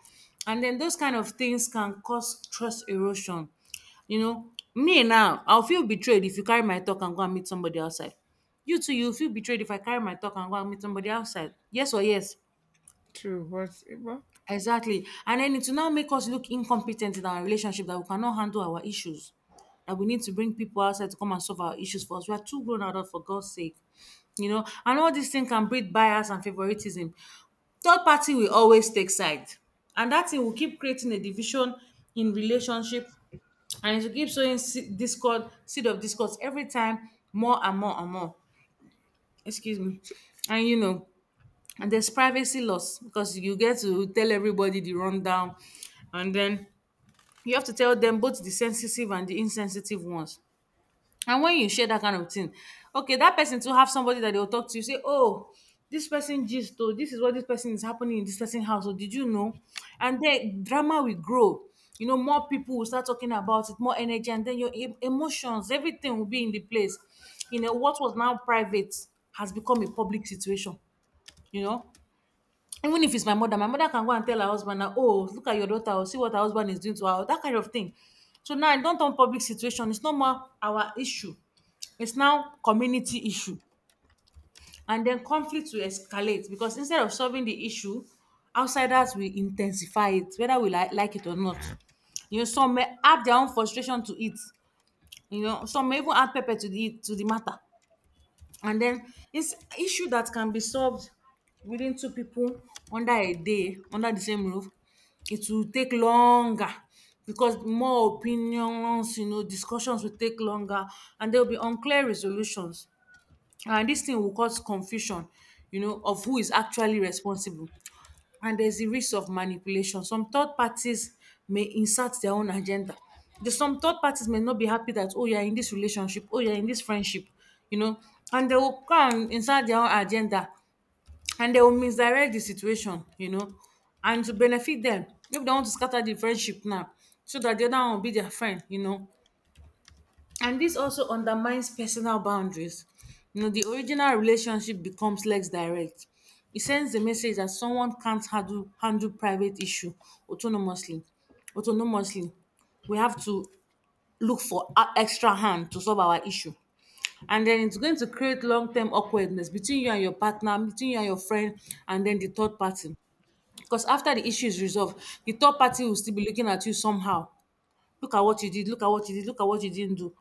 Speaker 1: and then those kind of things can cause trust erosion, you know. Me now, I'll feel betrayed if you carry my talk and go and meet somebody outside. You too, you feel betrayed if I carry my talk and go and meet somebody outside, yes or yes?
Speaker 2: true. What's what?
Speaker 1: Exactly. And then it will now make us look incompetent in our relationship, that we cannot handle our issues. That we need to bring people outside to come and solve our issues for us. We are too grown adult for God's sake. You know, and all these things can breed bias and favoritism. Third party will always take side. And that thing will keep creating a division in relationship, and it will keep sowing se- discord, seed of discord every time, more and more and more. Excuse me. And you know, and there's privacy loss because you get to tell everybody the rundown, and then you have to tell them both the sensitive and the insensitive ones. And when you share that kind of thing, okay, that person to have somebody that they will talk to, you say, oh, this person gist, oh, this is what this person is happening in this person house, oh, did you know? And then drama will grow. You know, more people will start talking about it, more energy, and then your em- emotions, everything will be in the place. You know, what was now private has become a public situation. You know, even if it's my mother, my mother can go and tell her husband, "Now, oh, look at your daughter, or see what her husband is doing to her, oh," that kind of thing. So now e don turn public situation, it's no more our issue. It's now community issue. And then conflict will escalate, because instead of solving the issue, outsiders will intensify it, whether we like like it or not. You know, some may add their own frustration to it. You know, some may even add pepper to the to the matter. And then it's issue that can be solved within two people, under a day, under the same roof. It will take longer, because more opinions, you know, discussions will take longer. And there will be unclear resolutions, and this thing will cause confusion, you know, of who is actually responsible. And there's the risk of manipulation. Some third parties may insert their own agenda. The, some third parties may not be happy that, oh, you're in this relationship, oh, you're in this friendship, you know, and they will come and insert their own agenda, and they will misdirect the situation, you know, and to benefit them. If they want to scatter the friendship now, so that the other one will be their friend, you know, and this also undermines personal boundaries. You know, the original relationship becomes less direct. It sends the message that someone can't handle, handle private issue autonomously. Autonomously, we have to look for a- extra hand to solve our issue. And then it's going to create long-term awkwardness between you and your partner, between you and your friend, and then the third party. Because after the issue is resolved, the third party will still be looking at you somehow. Look at what you did, look at what you did, look at what you didn't do.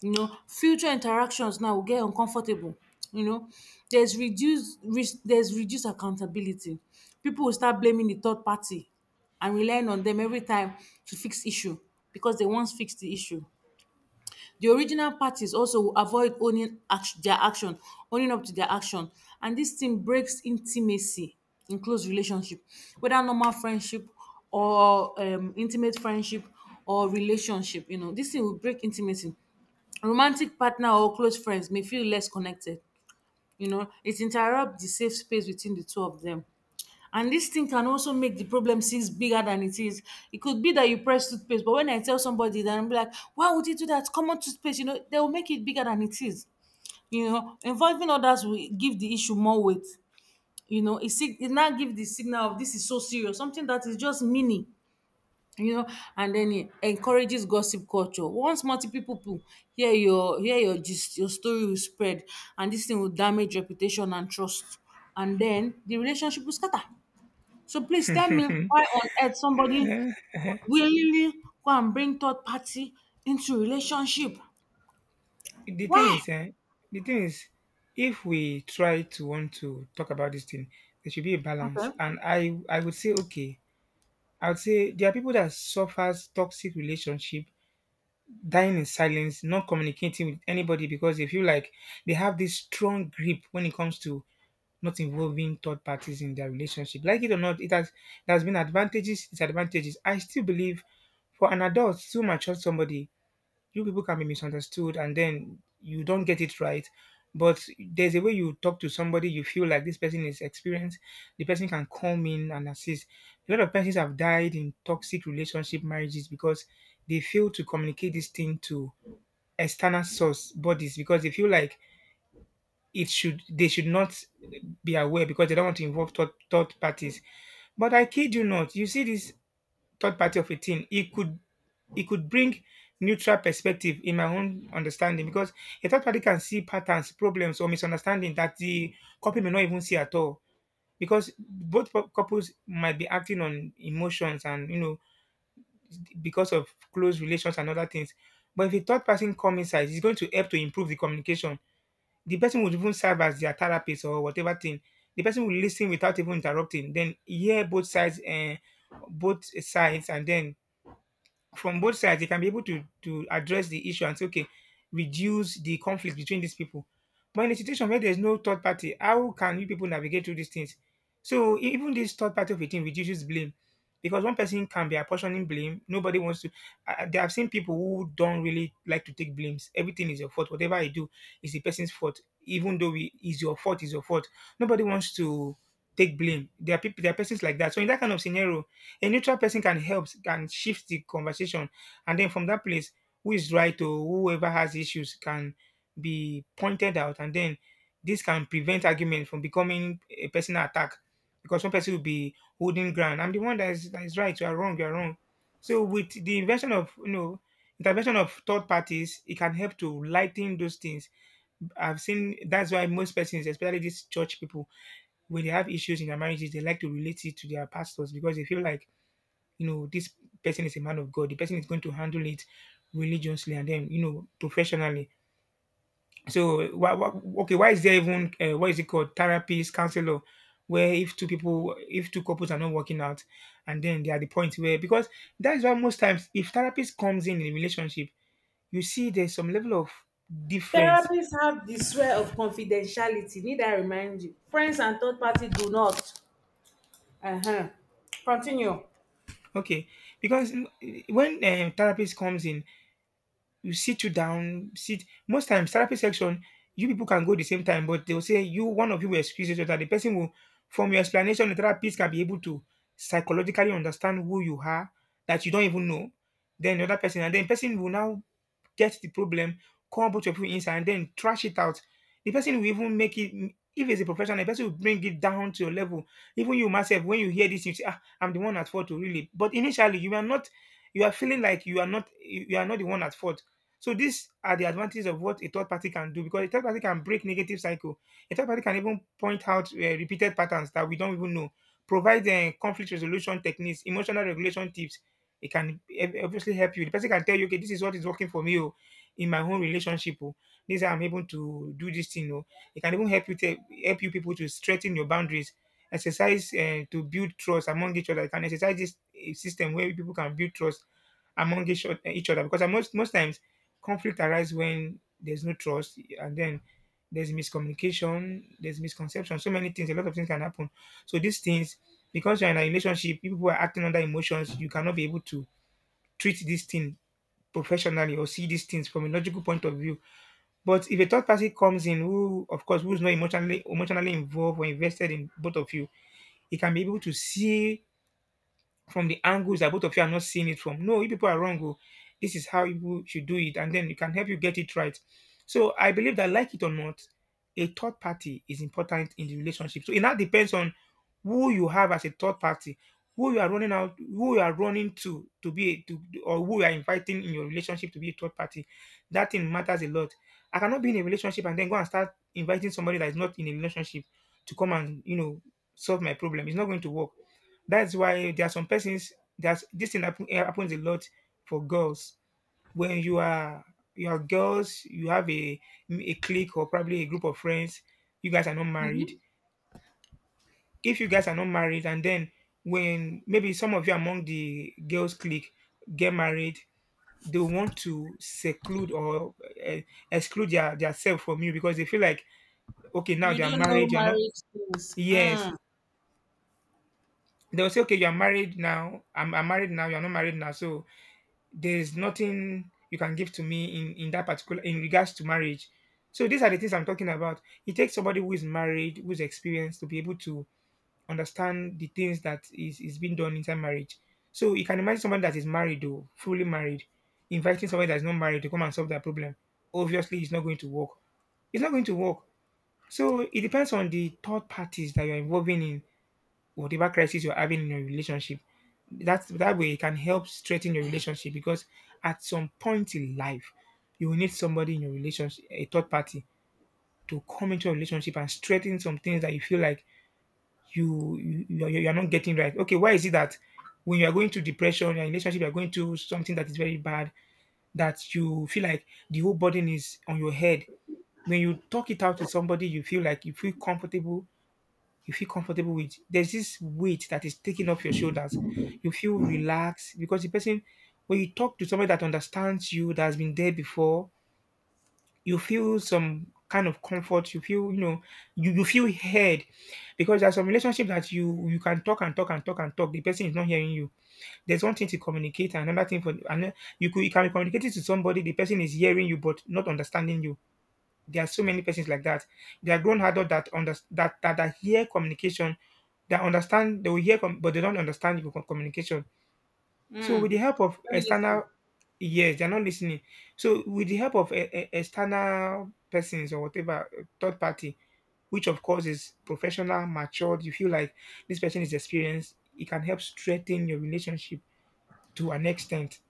Speaker 1: You know, future interactions now will get uncomfortable. You know, there's reduced res- there's reduced accountability. People will start blaming the third party and relying on them every time to fix issue, because they once fixed the issue. The original parties also will avoid owning act- their action, owning up to their action. And this thing breaks intimacy in close relationship, whether normal friendship or um, intimate friendship or relationship. You know, this thing will break intimacy. Romantic partner or close friends may feel less connected. You know, it interrupts the safe space between the two of them. And this thing can also make the problem seems bigger than it is. It could be that you press toothpaste, but when I tell somebody that, I'm like, why would you do that? Common toothpaste, you know, they will make it bigger than it is. You know, involving others will give the issue more weight. You know, it, sig- it now gives the signal of this is so serious, something that is just mini, you know, and then it encourages gossip culture. Once multiple people hear your hear your gist, your story will spread, and this thing will damage reputation and trust. And then the relationship will scatter. So please tell me why on earth somebody willingly go and bring third party into relationship?
Speaker 2: the thing
Speaker 1: Why?
Speaker 2: is, eh, the thing is, if we try to want to talk about this thing, there should be a balance.
Speaker 1: Okay.
Speaker 2: And I, I would say, okay, I would say there are people that suffers toxic relationship, dying in silence, not communicating with anybody, because they feel like they have this strong grip when it comes to not involving third parties in their relationship. Like it or not, it has there has been advantages, disadvantages. I still believe for an adult to mature somebody, you people can be misunderstood, and then you don't get it right, but there's a way you talk to somebody you feel like this person is experienced, the person can come in and assist. A lot of persons have died in toxic relationship marriages because they fail to communicate this thing to external source bodies, because they feel like it should, they should not be aware, because they don't want to involve third, third parties. But I kid you not, you see, this third party of a team, it could it could bring neutral perspective, in my own understanding, because a third party can see patterns, problems, or misunderstanding that the couple may not even see at all, because both cou- couples might be acting on emotions, and, you know, because of close relations and other things. But if a third person come inside, it's going to help to improve the communication. The person would even serve as their therapist or whatever thing. The person will listen without even interrupting, then hear both sides and both sides and then from both sides they can be able to to address the issue and say, okay, reduce the conflict between these people. But in a situation where there's no third party, how can you people navigate through these things? So e- even this third party of a thing reduces blame, because one person can be apportioning blame. Nobody wants to. I, I- i've seen people who don't really like to take blames, everything is your fault, whatever I do is the person's fault, even though it is your fault, is your fault. Nobody wants to take blame, there are people, there are persons like that. So in that kind of scenario, a neutral person can help, can shift the conversation, and then from that place, who is right or whoever has issues can be pointed out, and then this can prevent argument from becoming a personal attack, because one person will be holding ground, I'm the one that is, that is right, you are wrong, you are wrong. So with the invention of you know intervention of third parties, it can help to lighten those things. I've seen, that's why most persons, especially these church people, when they have issues in their marriages, they like to relate it to their pastors, because they feel like, you know, this person is a man of God. The person is going to handle it religiously, and then, you know, professionally. So, why, why, okay, why is there even, uh, what is it called, therapist, counselor, where if two people, if two couples are not working out, and then they are the point where, because that is why most times, if therapist comes in in a relationship, you see there's some level of difference.
Speaker 1: Therapists have the swear of confidentiality. Need I remind you? Friends and third party do not. Uh-huh. Continue.
Speaker 2: Okay, because mm, when uh, therapist comes in, you sit you down, sit. Most times, therapy section, you people can go the same time, but they'll say you, one of you will excuse each other. The person will, from your explanation, the therapist can be able to psychologically understand who you are that you don't even know. Then the other person, and then person will now get the problem, call a bunch of people inside, and then trash it out. The person will even make it. If it's a professional, the person will bring it down to your level. Even you myself, when you hear this, you say, "Ah, I'm the one at fault, oh, really." But initially, you are not. You are feeling like you are not. You are not the one at fault. So these are the advantages of what a third party can do because a third party can break negative cycle. A third party can even point out uh, repeated patterns that we don't even know. Provide uh, conflict resolution techniques, emotional regulation tips, it can ob- obviously help you. The person can tell you, okay, this is what is working for me oh, in my own relationship. Oh, this I'm able to do this thing. Oh, it can even help you te- help you people to strengthen your boundaries. Exercise uh, to build trust among each other. You can exercise this eh, system where people can build trust among each, oth- each other because uh, most most times conflict arises when there's no trust and then there's miscommunication, there's misconception, so many things, a lot of things can happen. So these things because you're in a relationship, people are acting under emotions, you cannot be able to treat this thing professionally or see these things from a logical point of view. But if a third party comes in who of course who's not emotionally emotionally involved or invested in both of you, he can be able to see from the angles that both of you are not seeing it from. No, you people are wrong, oh. This is how you should do it, and then it can help you get it right. So I believe that like it or not, a third party is important in the relationship. So it now depends on who you have as a third party, who you are running out, who you are running to to be a, to, or who you are inviting in your relationship to be a third party. That thing matters a lot. I cannot be in a relationship and then go and start inviting somebody that is not in a relationship to come and you know solve my problem. It's not going to work. That's why there are some persons that's this thing happen, eh, happens a lot for girls when you are you are girls you have a a clique or probably a group of friends you guys are not married. If you guys are not married and then when maybe some of you among the girls clique get married, they want to seclude or uh, exclude their, their self from you because they feel like okay now
Speaker 1: You
Speaker 2: they are
Speaker 1: don't know
Speaker 2: married you're not.
Speaker 1: marriage things.
Speaker 2: Yes,
Speaker 1: Mm.
Speaker 2: they'll say okay you're married now, I'm, I'm married now you're not married now, so there's nothing you can give to me in in that particular in regards to marriage. So these are the things I'm talking about. It takes somebody who is married who's experienced to be able to understand the things that is, is being done inside marriage. So you can imagine someone that is married or fully married, inviting someone that is not married to come and solve that problem. Obviously, it's not going to work. It's not going to work. So it depends on the third parties that you're involving in whatever crisis you're having in your relationship. That's that way it can help strengthen your relationship because at some point in life, you will need somebody in your relationship, a third party, to come into a relationship and strengthen some things that you feel like you you you are you are not getting right. Okay, why is it that when you are going through depression, your relationship, you are going through something that is very bad, that you feel like the whole burden is on your head. When you talk it out to somebody, you feel like you feel comfortable. You feel comfortable with. There's this weight that is taken off your shoulders. You feel relaxed because the person, when you talk to somebody that understands you, that has been there before, you feel some kind of comfort. You feel, you know, you, you feel heard because there's some relationship that you you can talk and talk and talk and talk. The person is not hearing you. There's one thing to communicate, and another thing for and you could you can be communicating to somebody. The person is hearing you but not understanding you. There are so many persons like that. They are grown adults that under that, that that hear communication, that understand. They will hear, com- but they don't understand your co- communication so
Speaker 1: Mm.
Speaker 2: with the help of
Speaker 1: Don't listen.
Speaker 2: external. Yes, they're not listening. So with the help of e- e- external persons or whatever uh, third party, which of course is professional, matured, you feel like this person is experienced, it can help strengthen your relationship to an extent.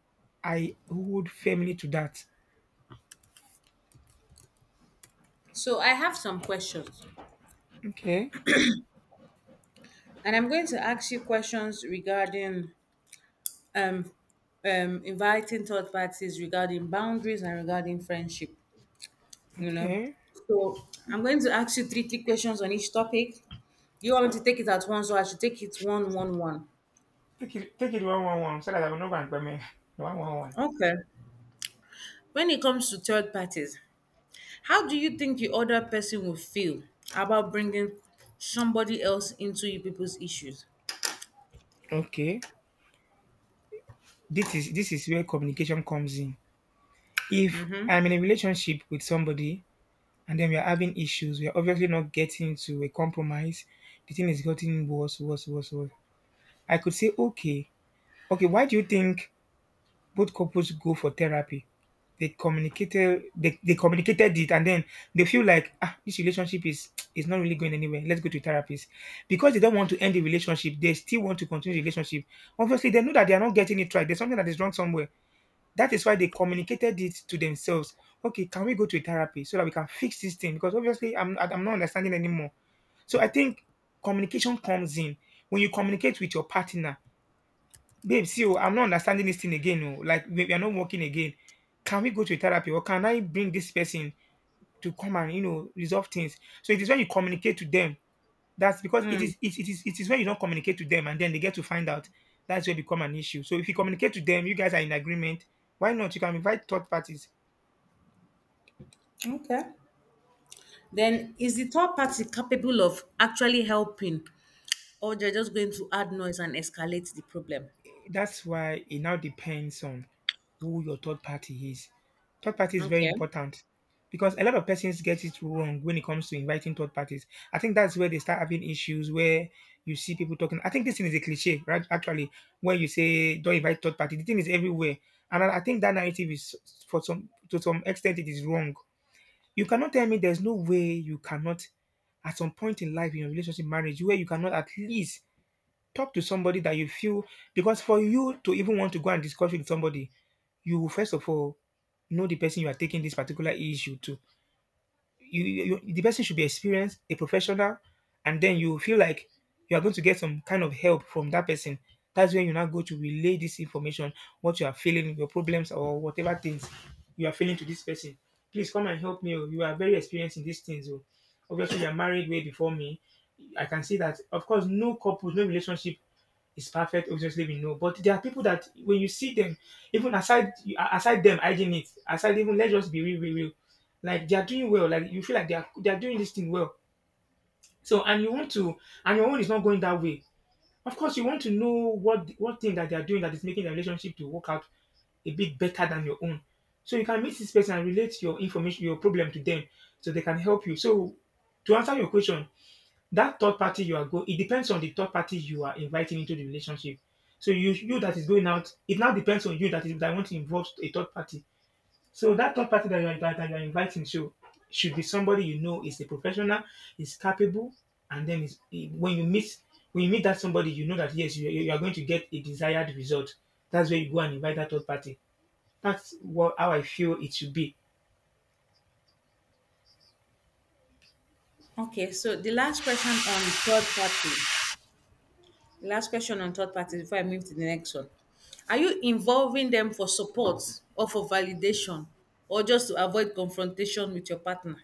Speaker 2: I hold firmly to that.
Speaker 1: So I have some questions,
Speaker 2: Okay.
Speaker 1: and I'm going to ask you questions regarding um, um, inviting third parties, regarding boundaries, and regarding friendship. You know.
Speaker 2: okay.
Speaker 1: So I'm going to ask you three, three questions on each topic. You want me to take it at once, or I should take it one, one, one?
Speaker 2: take it, take it one one one, so that I will not go and me one one one.
Speaker 1: Okay. When it comes to third parties, how do you think the other person will feel about bringing somebody else into you people's issues?
Speaker 2: Okay, this is this is where communication comes in. If I'm in a relationship with somebody and then we are having issues. We are obviously not getting to a compromise. The thing is getting worse, worse, worse, worse. I could say, okay, okay, why do you think both couples go for therapy? They communicated, they, they communicated it, and then they feel like ah, this relationship is is not really going anywhere. Let's go to therapist because they don't want to end the relationship. They still want to continue the relationship. Obviously, they know that they are not getting it right. There's something that is wrong somewhere that is why they communicated it to themselves. Okay, can we go to a therapy so that we can fix this thing? Because obviously, I'm I- I'm not understanding anymore. So I think communication comes in when you communicate with your partner. Babe, see, oh, I'm not understanding this thing again. Oh, like we we are not working again. Can we go to a therapy, or can I bring this person to come and you know resolve things? So it is when you communicate to them. That's because it is it, it is it is when you don't communicate to them and then they get to find out. That's where it become an issue. So if you communicate to them, you guys are in agreement. Why not? You can invite third parties.
Speaker 1: Okay. Then is the third party capable of actually helping, or they're just going to add noise and escalate the problem?
Speaker 2: That's why it now depends on who your third party is. Third party is very
Speaker 1: Okay.
Speaker 2: important because a lot of persons get it wrong when it comes to inviting third parties. I think that's where they start having issues where you see people talking. I think this thing is a cliche, right? Actually, when you say don't invite third party, the thing is everywhere. And I I think that narrative is for some to some extent it is wrong. You cannot tell me there's no way you cannot at some point in life in your relationship marriage where you cannot at least talk to somebody that you feel because for you to even want to go and discuss with somebody, you will first of all know the person you are taking this particular issue to. You, you you- the person should be experienced, a professional, and then you feel like you are going to get some kind of help from that person. That's when you now go to relay this information, what you are feeling, your problems, or whatever things you are feeling to this person. Please come and help me, oh. You are very experienced in these things, oh. Obviously, you are married way before me. I can see that. Of course, no couple, no relationship is perfect. Obviously, we know, but there are people that when you see them, even aside aside them hygiene it, aside even let's just be real, real, real. Like they are doing well. Like you feel like they are they are doing this thing well. So and you want to and your own is not going that way. Of course, you want to know what what thing that they are doing that is making the relationship to work out a bit better than your own. So you can meet this person and relate your information, your problem to them, so they can help you. So to answer your question, that third party you are going, it depends on the third party you are inviting into the relationship. So you you that is going out, it now depends on you that is that want to involve a third party. So that third party that you are that, that you are inviting should should be somebody you know is a professional, is capable, and then is when you meet when you meet that somebody, you know that yes, you, you are going to get a desired result. That's where you go and invite that third party. That's what how I feel it should be.
Speaker 1: Okay, so the last question on third party. Last question on third parties before I move to the next one. Are you involving them for support, or for validation, or just to avoid confrontation with your partner?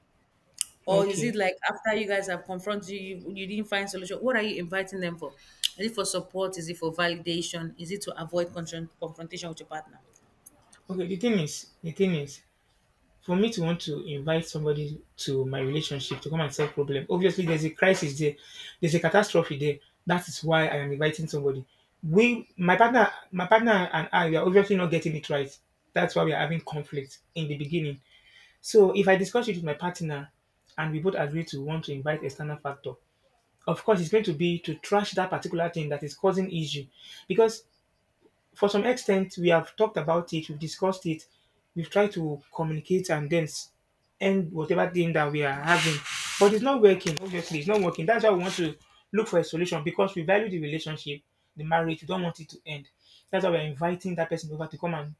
Speaker 1: Or is it
Speaker 2: Okay.
Speaker 1: like after you guys have confronted, you, you you didn't find solution? What are you inviting them for? Is it for support? Is it for validation? Is it to avoid confron- confrontation with your partner?
Speaker 2: Okay, the thing is the thing is for me to want to invite somebody to my relationship to come and solve problem, obviously there's a crisis there, there's a catastrophe there. That is why I am inviting somebody. We, my partner, my partner and I, we are obviously not getting it right. That's why we are having conflict in the beginning. So if I discuss it with my partner and we both agree to want to invite external factor, of course it's going to be to trash that particular thing that is causing issue, because for some extent we have talked about it, we've discussed it, we've tried to communicate, and then s- end whatever thing that we are having. But it's not working, obviously, it's not working. That's why we want to look for a solution, because we value the relationship, the marriage, we don't want it to end. That's why we're inviting that person over to come and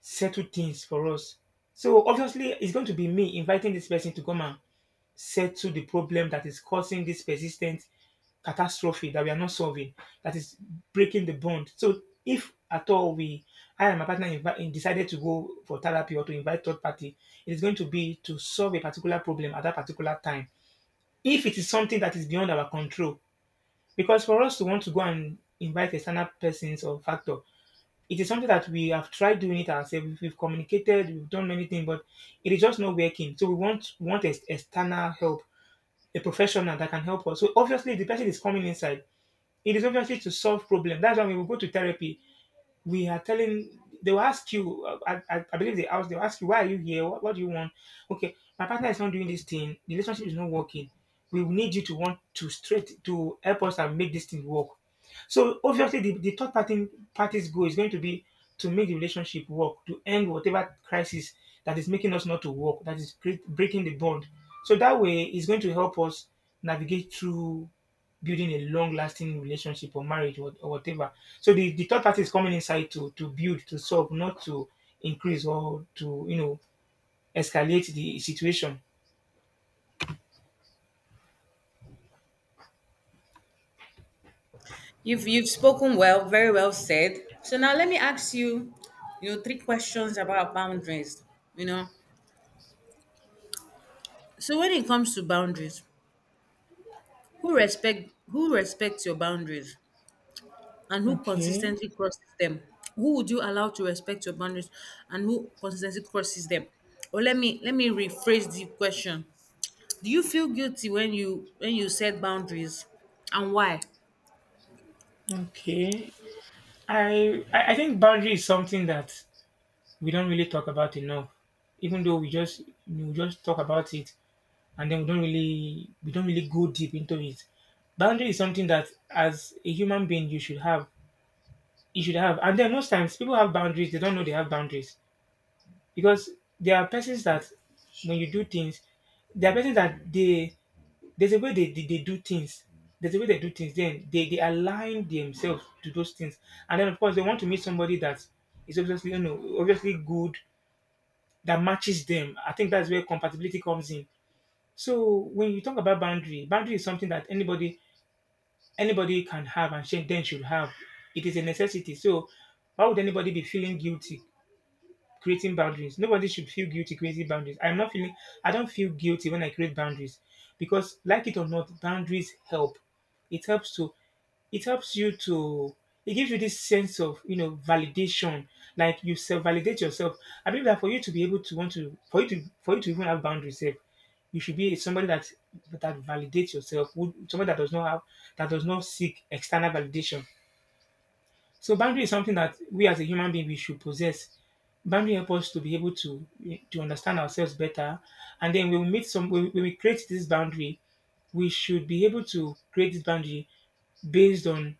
Speaker 2: settle things for us. So obviously it's going to be me inviting this person to come and settle the problem that is causing this persistent catastrophe that we are not solving, that is breaking the bond. So if at all we, I and my partner invi- decided to go for therapy or to invite third party, it is going to be to solve a particular problem at that particular time. If it is something that is beyond our control, because for us to want to go and invite external persons or factor, it is something that we have tried doing it ourselves. We've- communicated, we've done many things, but it is just not working. So we want want ex- external help, a professional that can help us. So obviously, if the person is coming inside, it is obviously to solve problem. That's why when we go to therapy, we are telling, they will ask you uh, I, I, I believe they ask, they will ask you, why are you here, what, what do you want? Okay, my partner is not doing this thing, the relationship is not working, we need you to want to straight to help us and make this thing work. So obviously the, the third party, party's goal is going to be to make the relationship work, to end whatever crisis that is making us not to work, that is cre- breaking the bond. So that way it's going to help us navigate through building a long lasting relationship or marriage, or, or whatever. So the, the third party is coming inside to to build, to solve, not to increase or to you know escalate the situation.
Speaker 1: You've you've spoken well, very well said. So now let me ask you, you know, three questions about boundaries. You know, so when it comes to boundaries, who respect who respects your boundaries and who
Speaker 2: Okay.
Speaker 1: consistently crosses them, who would you allow to respect your boundaries and who consistently crosses them? Or let me let me rephrase the question. Do you feel guilty when you when you set boundaries, and why?
Speaker 2: Okay. I I I think boundary is something that we don't really talk about enough. Even though we just we just talk about it, and then we don't really we don't really go deep into it. Boundary is something that as a human being you should have. You should have. And then most times people have boundaries, they don't know they have boundaries, because there are persons that when you do things, there are persons that they there's a way they, they, they do things. There's a way they do things. Then they, they align themselves to those things, and then of course they want to meet somebody that is obviously, you know obviously good, that matches them. I think that's where compatibility comes in. So when you talk about boundary, boundary is something that anybody anybody can have and should- then should have. It is a necessity. So why would anybody be feeling guilty creating boundaries? Nobody should feel guilty creating boundaries. I'm not feeling I don't feel guilty when I create boundaries, because like it or not, boundaries help. It helps to, it helps you to, it gives you this sense of, you know validation, like you self validate yourself. I believe that for you to be able to want to, for you to for you to even have boundaries sef, you should be somebody that that validates yourself, who somebody that does not have, that does not seek external validation. So boundary is something that we as a human being we should possess. Boundary help us to be able to, to understand ourselves better, and then when we meet some when we when we create this boundary, we should be able to create this boundary based on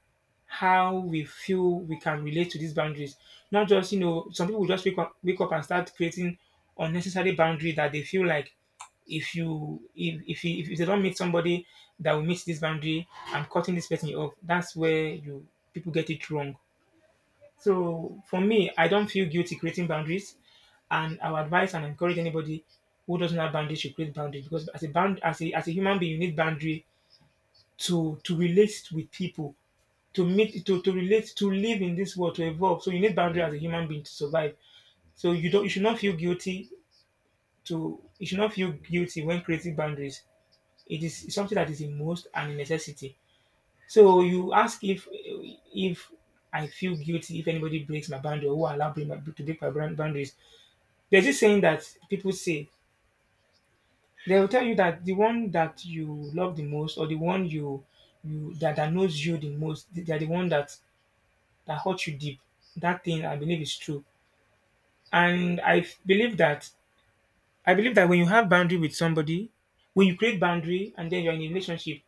Speaker 2: how we feel we can relate to these boundaries. Not just, you know, some people just wake up, wake up and start creating unnecessary boundary that they feel like if you if if, you, if they don't meet somebody that will meet this boundary, I'm cutting this person off. That's where you people get it wrong. So for me, I don't feel guilty creating boundaries, and I would advise and encourage anybody who doesn't have boundaries to create boundaries, because as a bound as a as a human being, you need boundary to, to relate with people, to meet to, to relate, to live in this world, to evolve. So you need boundary as a human being to survive. So you don't you should not feel guilty to, you should not feel guilty when creating boundaries. It is something that is a must and a necessity. So you ask if if I feel guilty if anybody breaks my boundary, or who allow break my, to break my brand boundaries. There's this saying that people say, they will tell you that the one that you love the most, or the one you, you that, that knows you the most, they're the one that that hurt you deep. That thing I believe is true, and I f- believe that I believe that when you have boundary with somebody, when you create boundary and then you're in a relationship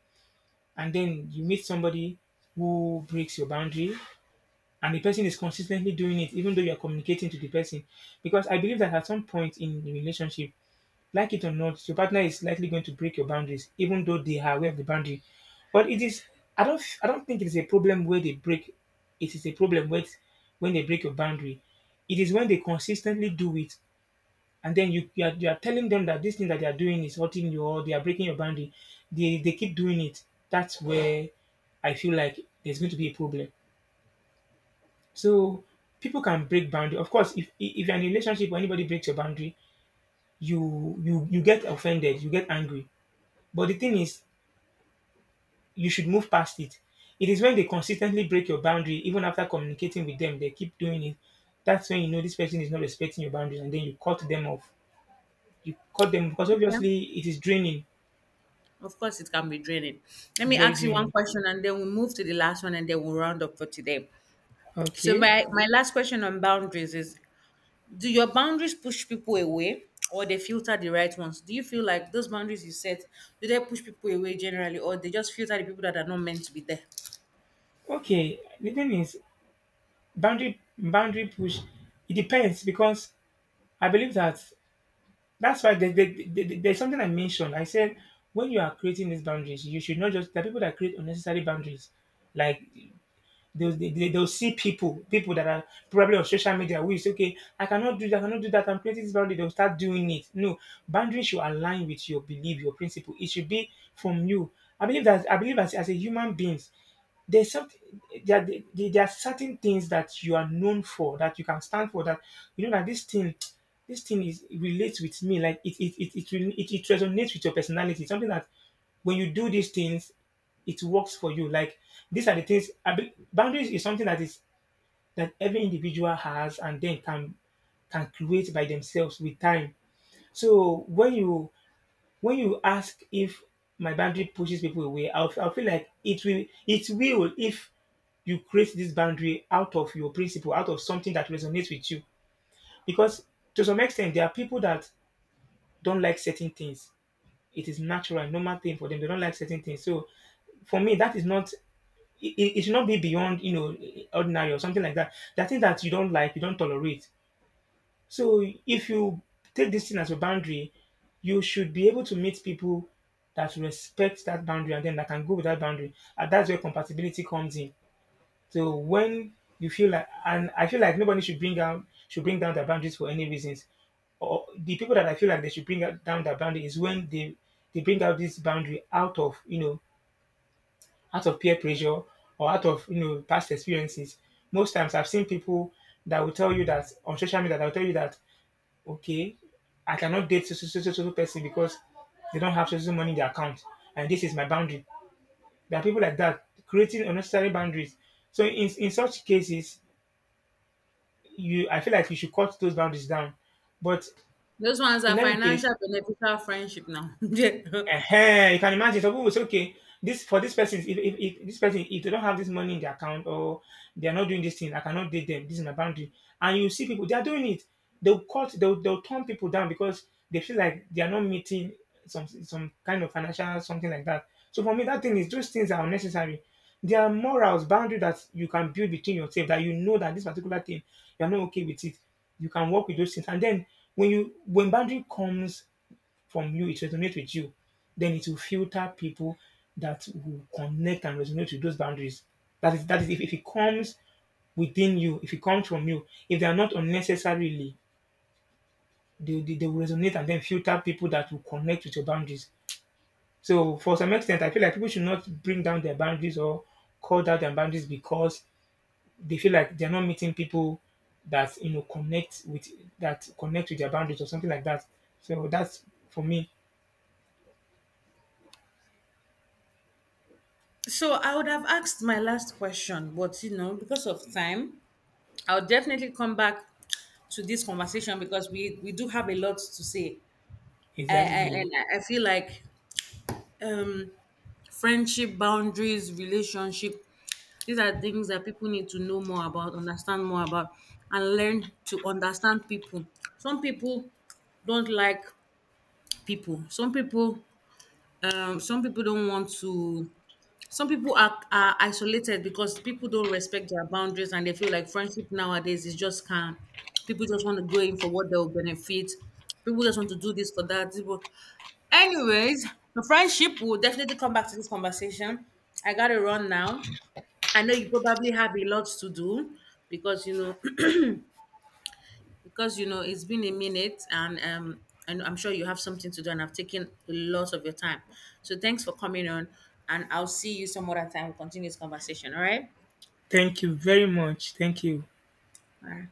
Speaker 2: and then you meet somebody who breaks your boundary, and the person is consistently doing it even though you're communicating to the person. Because I believe that at some point in the relationship, like it or not, your partner is likely going to break your boundaries even though they are aware of the boundary. But it is, i don't I don't think it is a problem where they break. It is a problem with, when they break your boundary, it is when they consistently do it, and then you you are, you are telling them that this thing that they are doing is hurting you, or they are breaking your boundary, they they keep doing it. That's where I feel like there's going to be a problem. So people can break boundary. Of course, if if you're in a relationship, or anybody breaks your boundary, you you you get offended, you get angry. But the thing is, you should move past it. It is when they consistently break your boundary, even after communicating with them, they keep doing it. That's when you know this person is not respecting your boundaries, and then you cut them off. You cut them because
Speaker 1: Okay.
Speaker 2: obviously it is draining,
Speaker 1: Of course it can be draining. Let me
Speaker 2: very
Speaker 1: ask you one
Speaker 2: draining.
Speaker 1: question, and then we'll move to the last one, and then we'll round up for today. So
Speaker 2: Okay.
Speaker 1: my my last question on boundaries is, do your boundaries push people away, or they filter the right ones? Do you feel like those boundaries you set, do they push people away generally, or they just filter the people that are not meant to be there?
Speaker 2: Okay. The thing is, boundary boundary push. It depends, because I believe that, that's why there, there, there- there- there's something I mentioned. I said when you are creating these boundaries, you should not just, there are people that create unnecessary boundaries, like They'll, they, they- will see people, people that are probably on social media, who is okay, I cannot do that, I cannot do that, I'm creating this boundary, they'll start doing it. No, boundaries should align with your belief, your principle. It should be from you. I believe that I believe as, as a human beings, there's something, there, are- there, there are certain things that you are known for, that you can stand for, that you know that this thing this thing is, it relates with me, like it it it it, it, it resonates with your personality, something that when you do these things, it works for you. Like, these are the things. I be- boundaries is something that is, that every individual has, and then can can create by themselves with time. So when you, when you ask if my boundary pushes people away, I'll, I'll feel like it will it will, if you create this boundary out of your principle, out of something that resonates with you. Because to some extent, there are people that don't like certain things. It is natural, normal thing for them. They don't like certain things. So for me, that is not, it, it it should not be beyond, you know ordinary or something like that. There are things that you don't like, you don't tolerate. So if you take this thing as a boundary, you should be able to meet people that respect that boundary, and then that can go with that boundary. And that's where compatibility comes in. So when you feel like, and I feel like nobody should bring down should bring down their boundaries for any reasons. Or the people that I feel like they should bring out- down their boundary is when they they bring out this boundary out of, you know out of peer pressure, or out of, you know past experiences. Most times I've seen people that will tell you that on social media that will tell you that, okay, I cannot date so so so so so so person, because they don't have so so money in their account, and this is my boundary. There are people like that creating unnecessary boundaries. So in in such cases, you I feel like you should cut those boundaries down. But
Speaker 1: Those ones are
Speaker 2: in any case,
Speaker 1: financial beneficial friendship now. Yeah.
Speaker 2: Ehen, you can imagine, some people will say, okay, this for this person, if, if, if this person, if they don't have this money in their account, or they are not doing this thing, I cannot date them. This is my boundary. And you see people they are doing it. They'll cut they'll they'll turn people down because they feel like they are not meeting some, some kind of financial something like that. So for me, that thing is, those things are unnecessary. There are morals, boundary that you can build between yourself, that you know that this particular thing, you're not okay with it. You can work with those things. And then when you, when boundary comes from you, it resonates with you, then it will filter people that will connect and resonate with those boundaries. That is, that is, if, if it comes within you, if it comes from you, if they are not unnecessarily, they, they, they will resonate and then filter people that will connect with your boundaries. So, for some extent, I feel like people should not bring down their boundaries, or call down their boundaries, because they feel like they're not meeting people that, you know connect with, that connect with their boundaries or something like that. So that's for me
Speaker 1: So I would have asked my last question, but you know, because of time, I'll definitely come back to this conversation, because we we do have a lot to say. I, I and
Speaker 2: exactly.
Speaker 1: I I feel like um friendship, boundaries, relationship, these are things that people need to know more about, understand more about, and learn to understand people. Some people don't like people, some people, um some people don't want to, some people are, are isolated because people don't respect their boundaries, and they feel like friendship nowadays is just calm. People just want to go in for what they'll benefit. People just want to do this for that. People- anyways, the friendship will definitely come back to this conversation. I gotta run now. I know you probably have a lot to do, because you know, because you know it's been a minute, and um and I'm sure you have something to do, and I've taken a lot of your time. So thanks for coming on, and I'll see you some other time. We'll continue this conversation. All right.
Speaker 2: Thank you very much. Thank you.
Speaker 1: All right.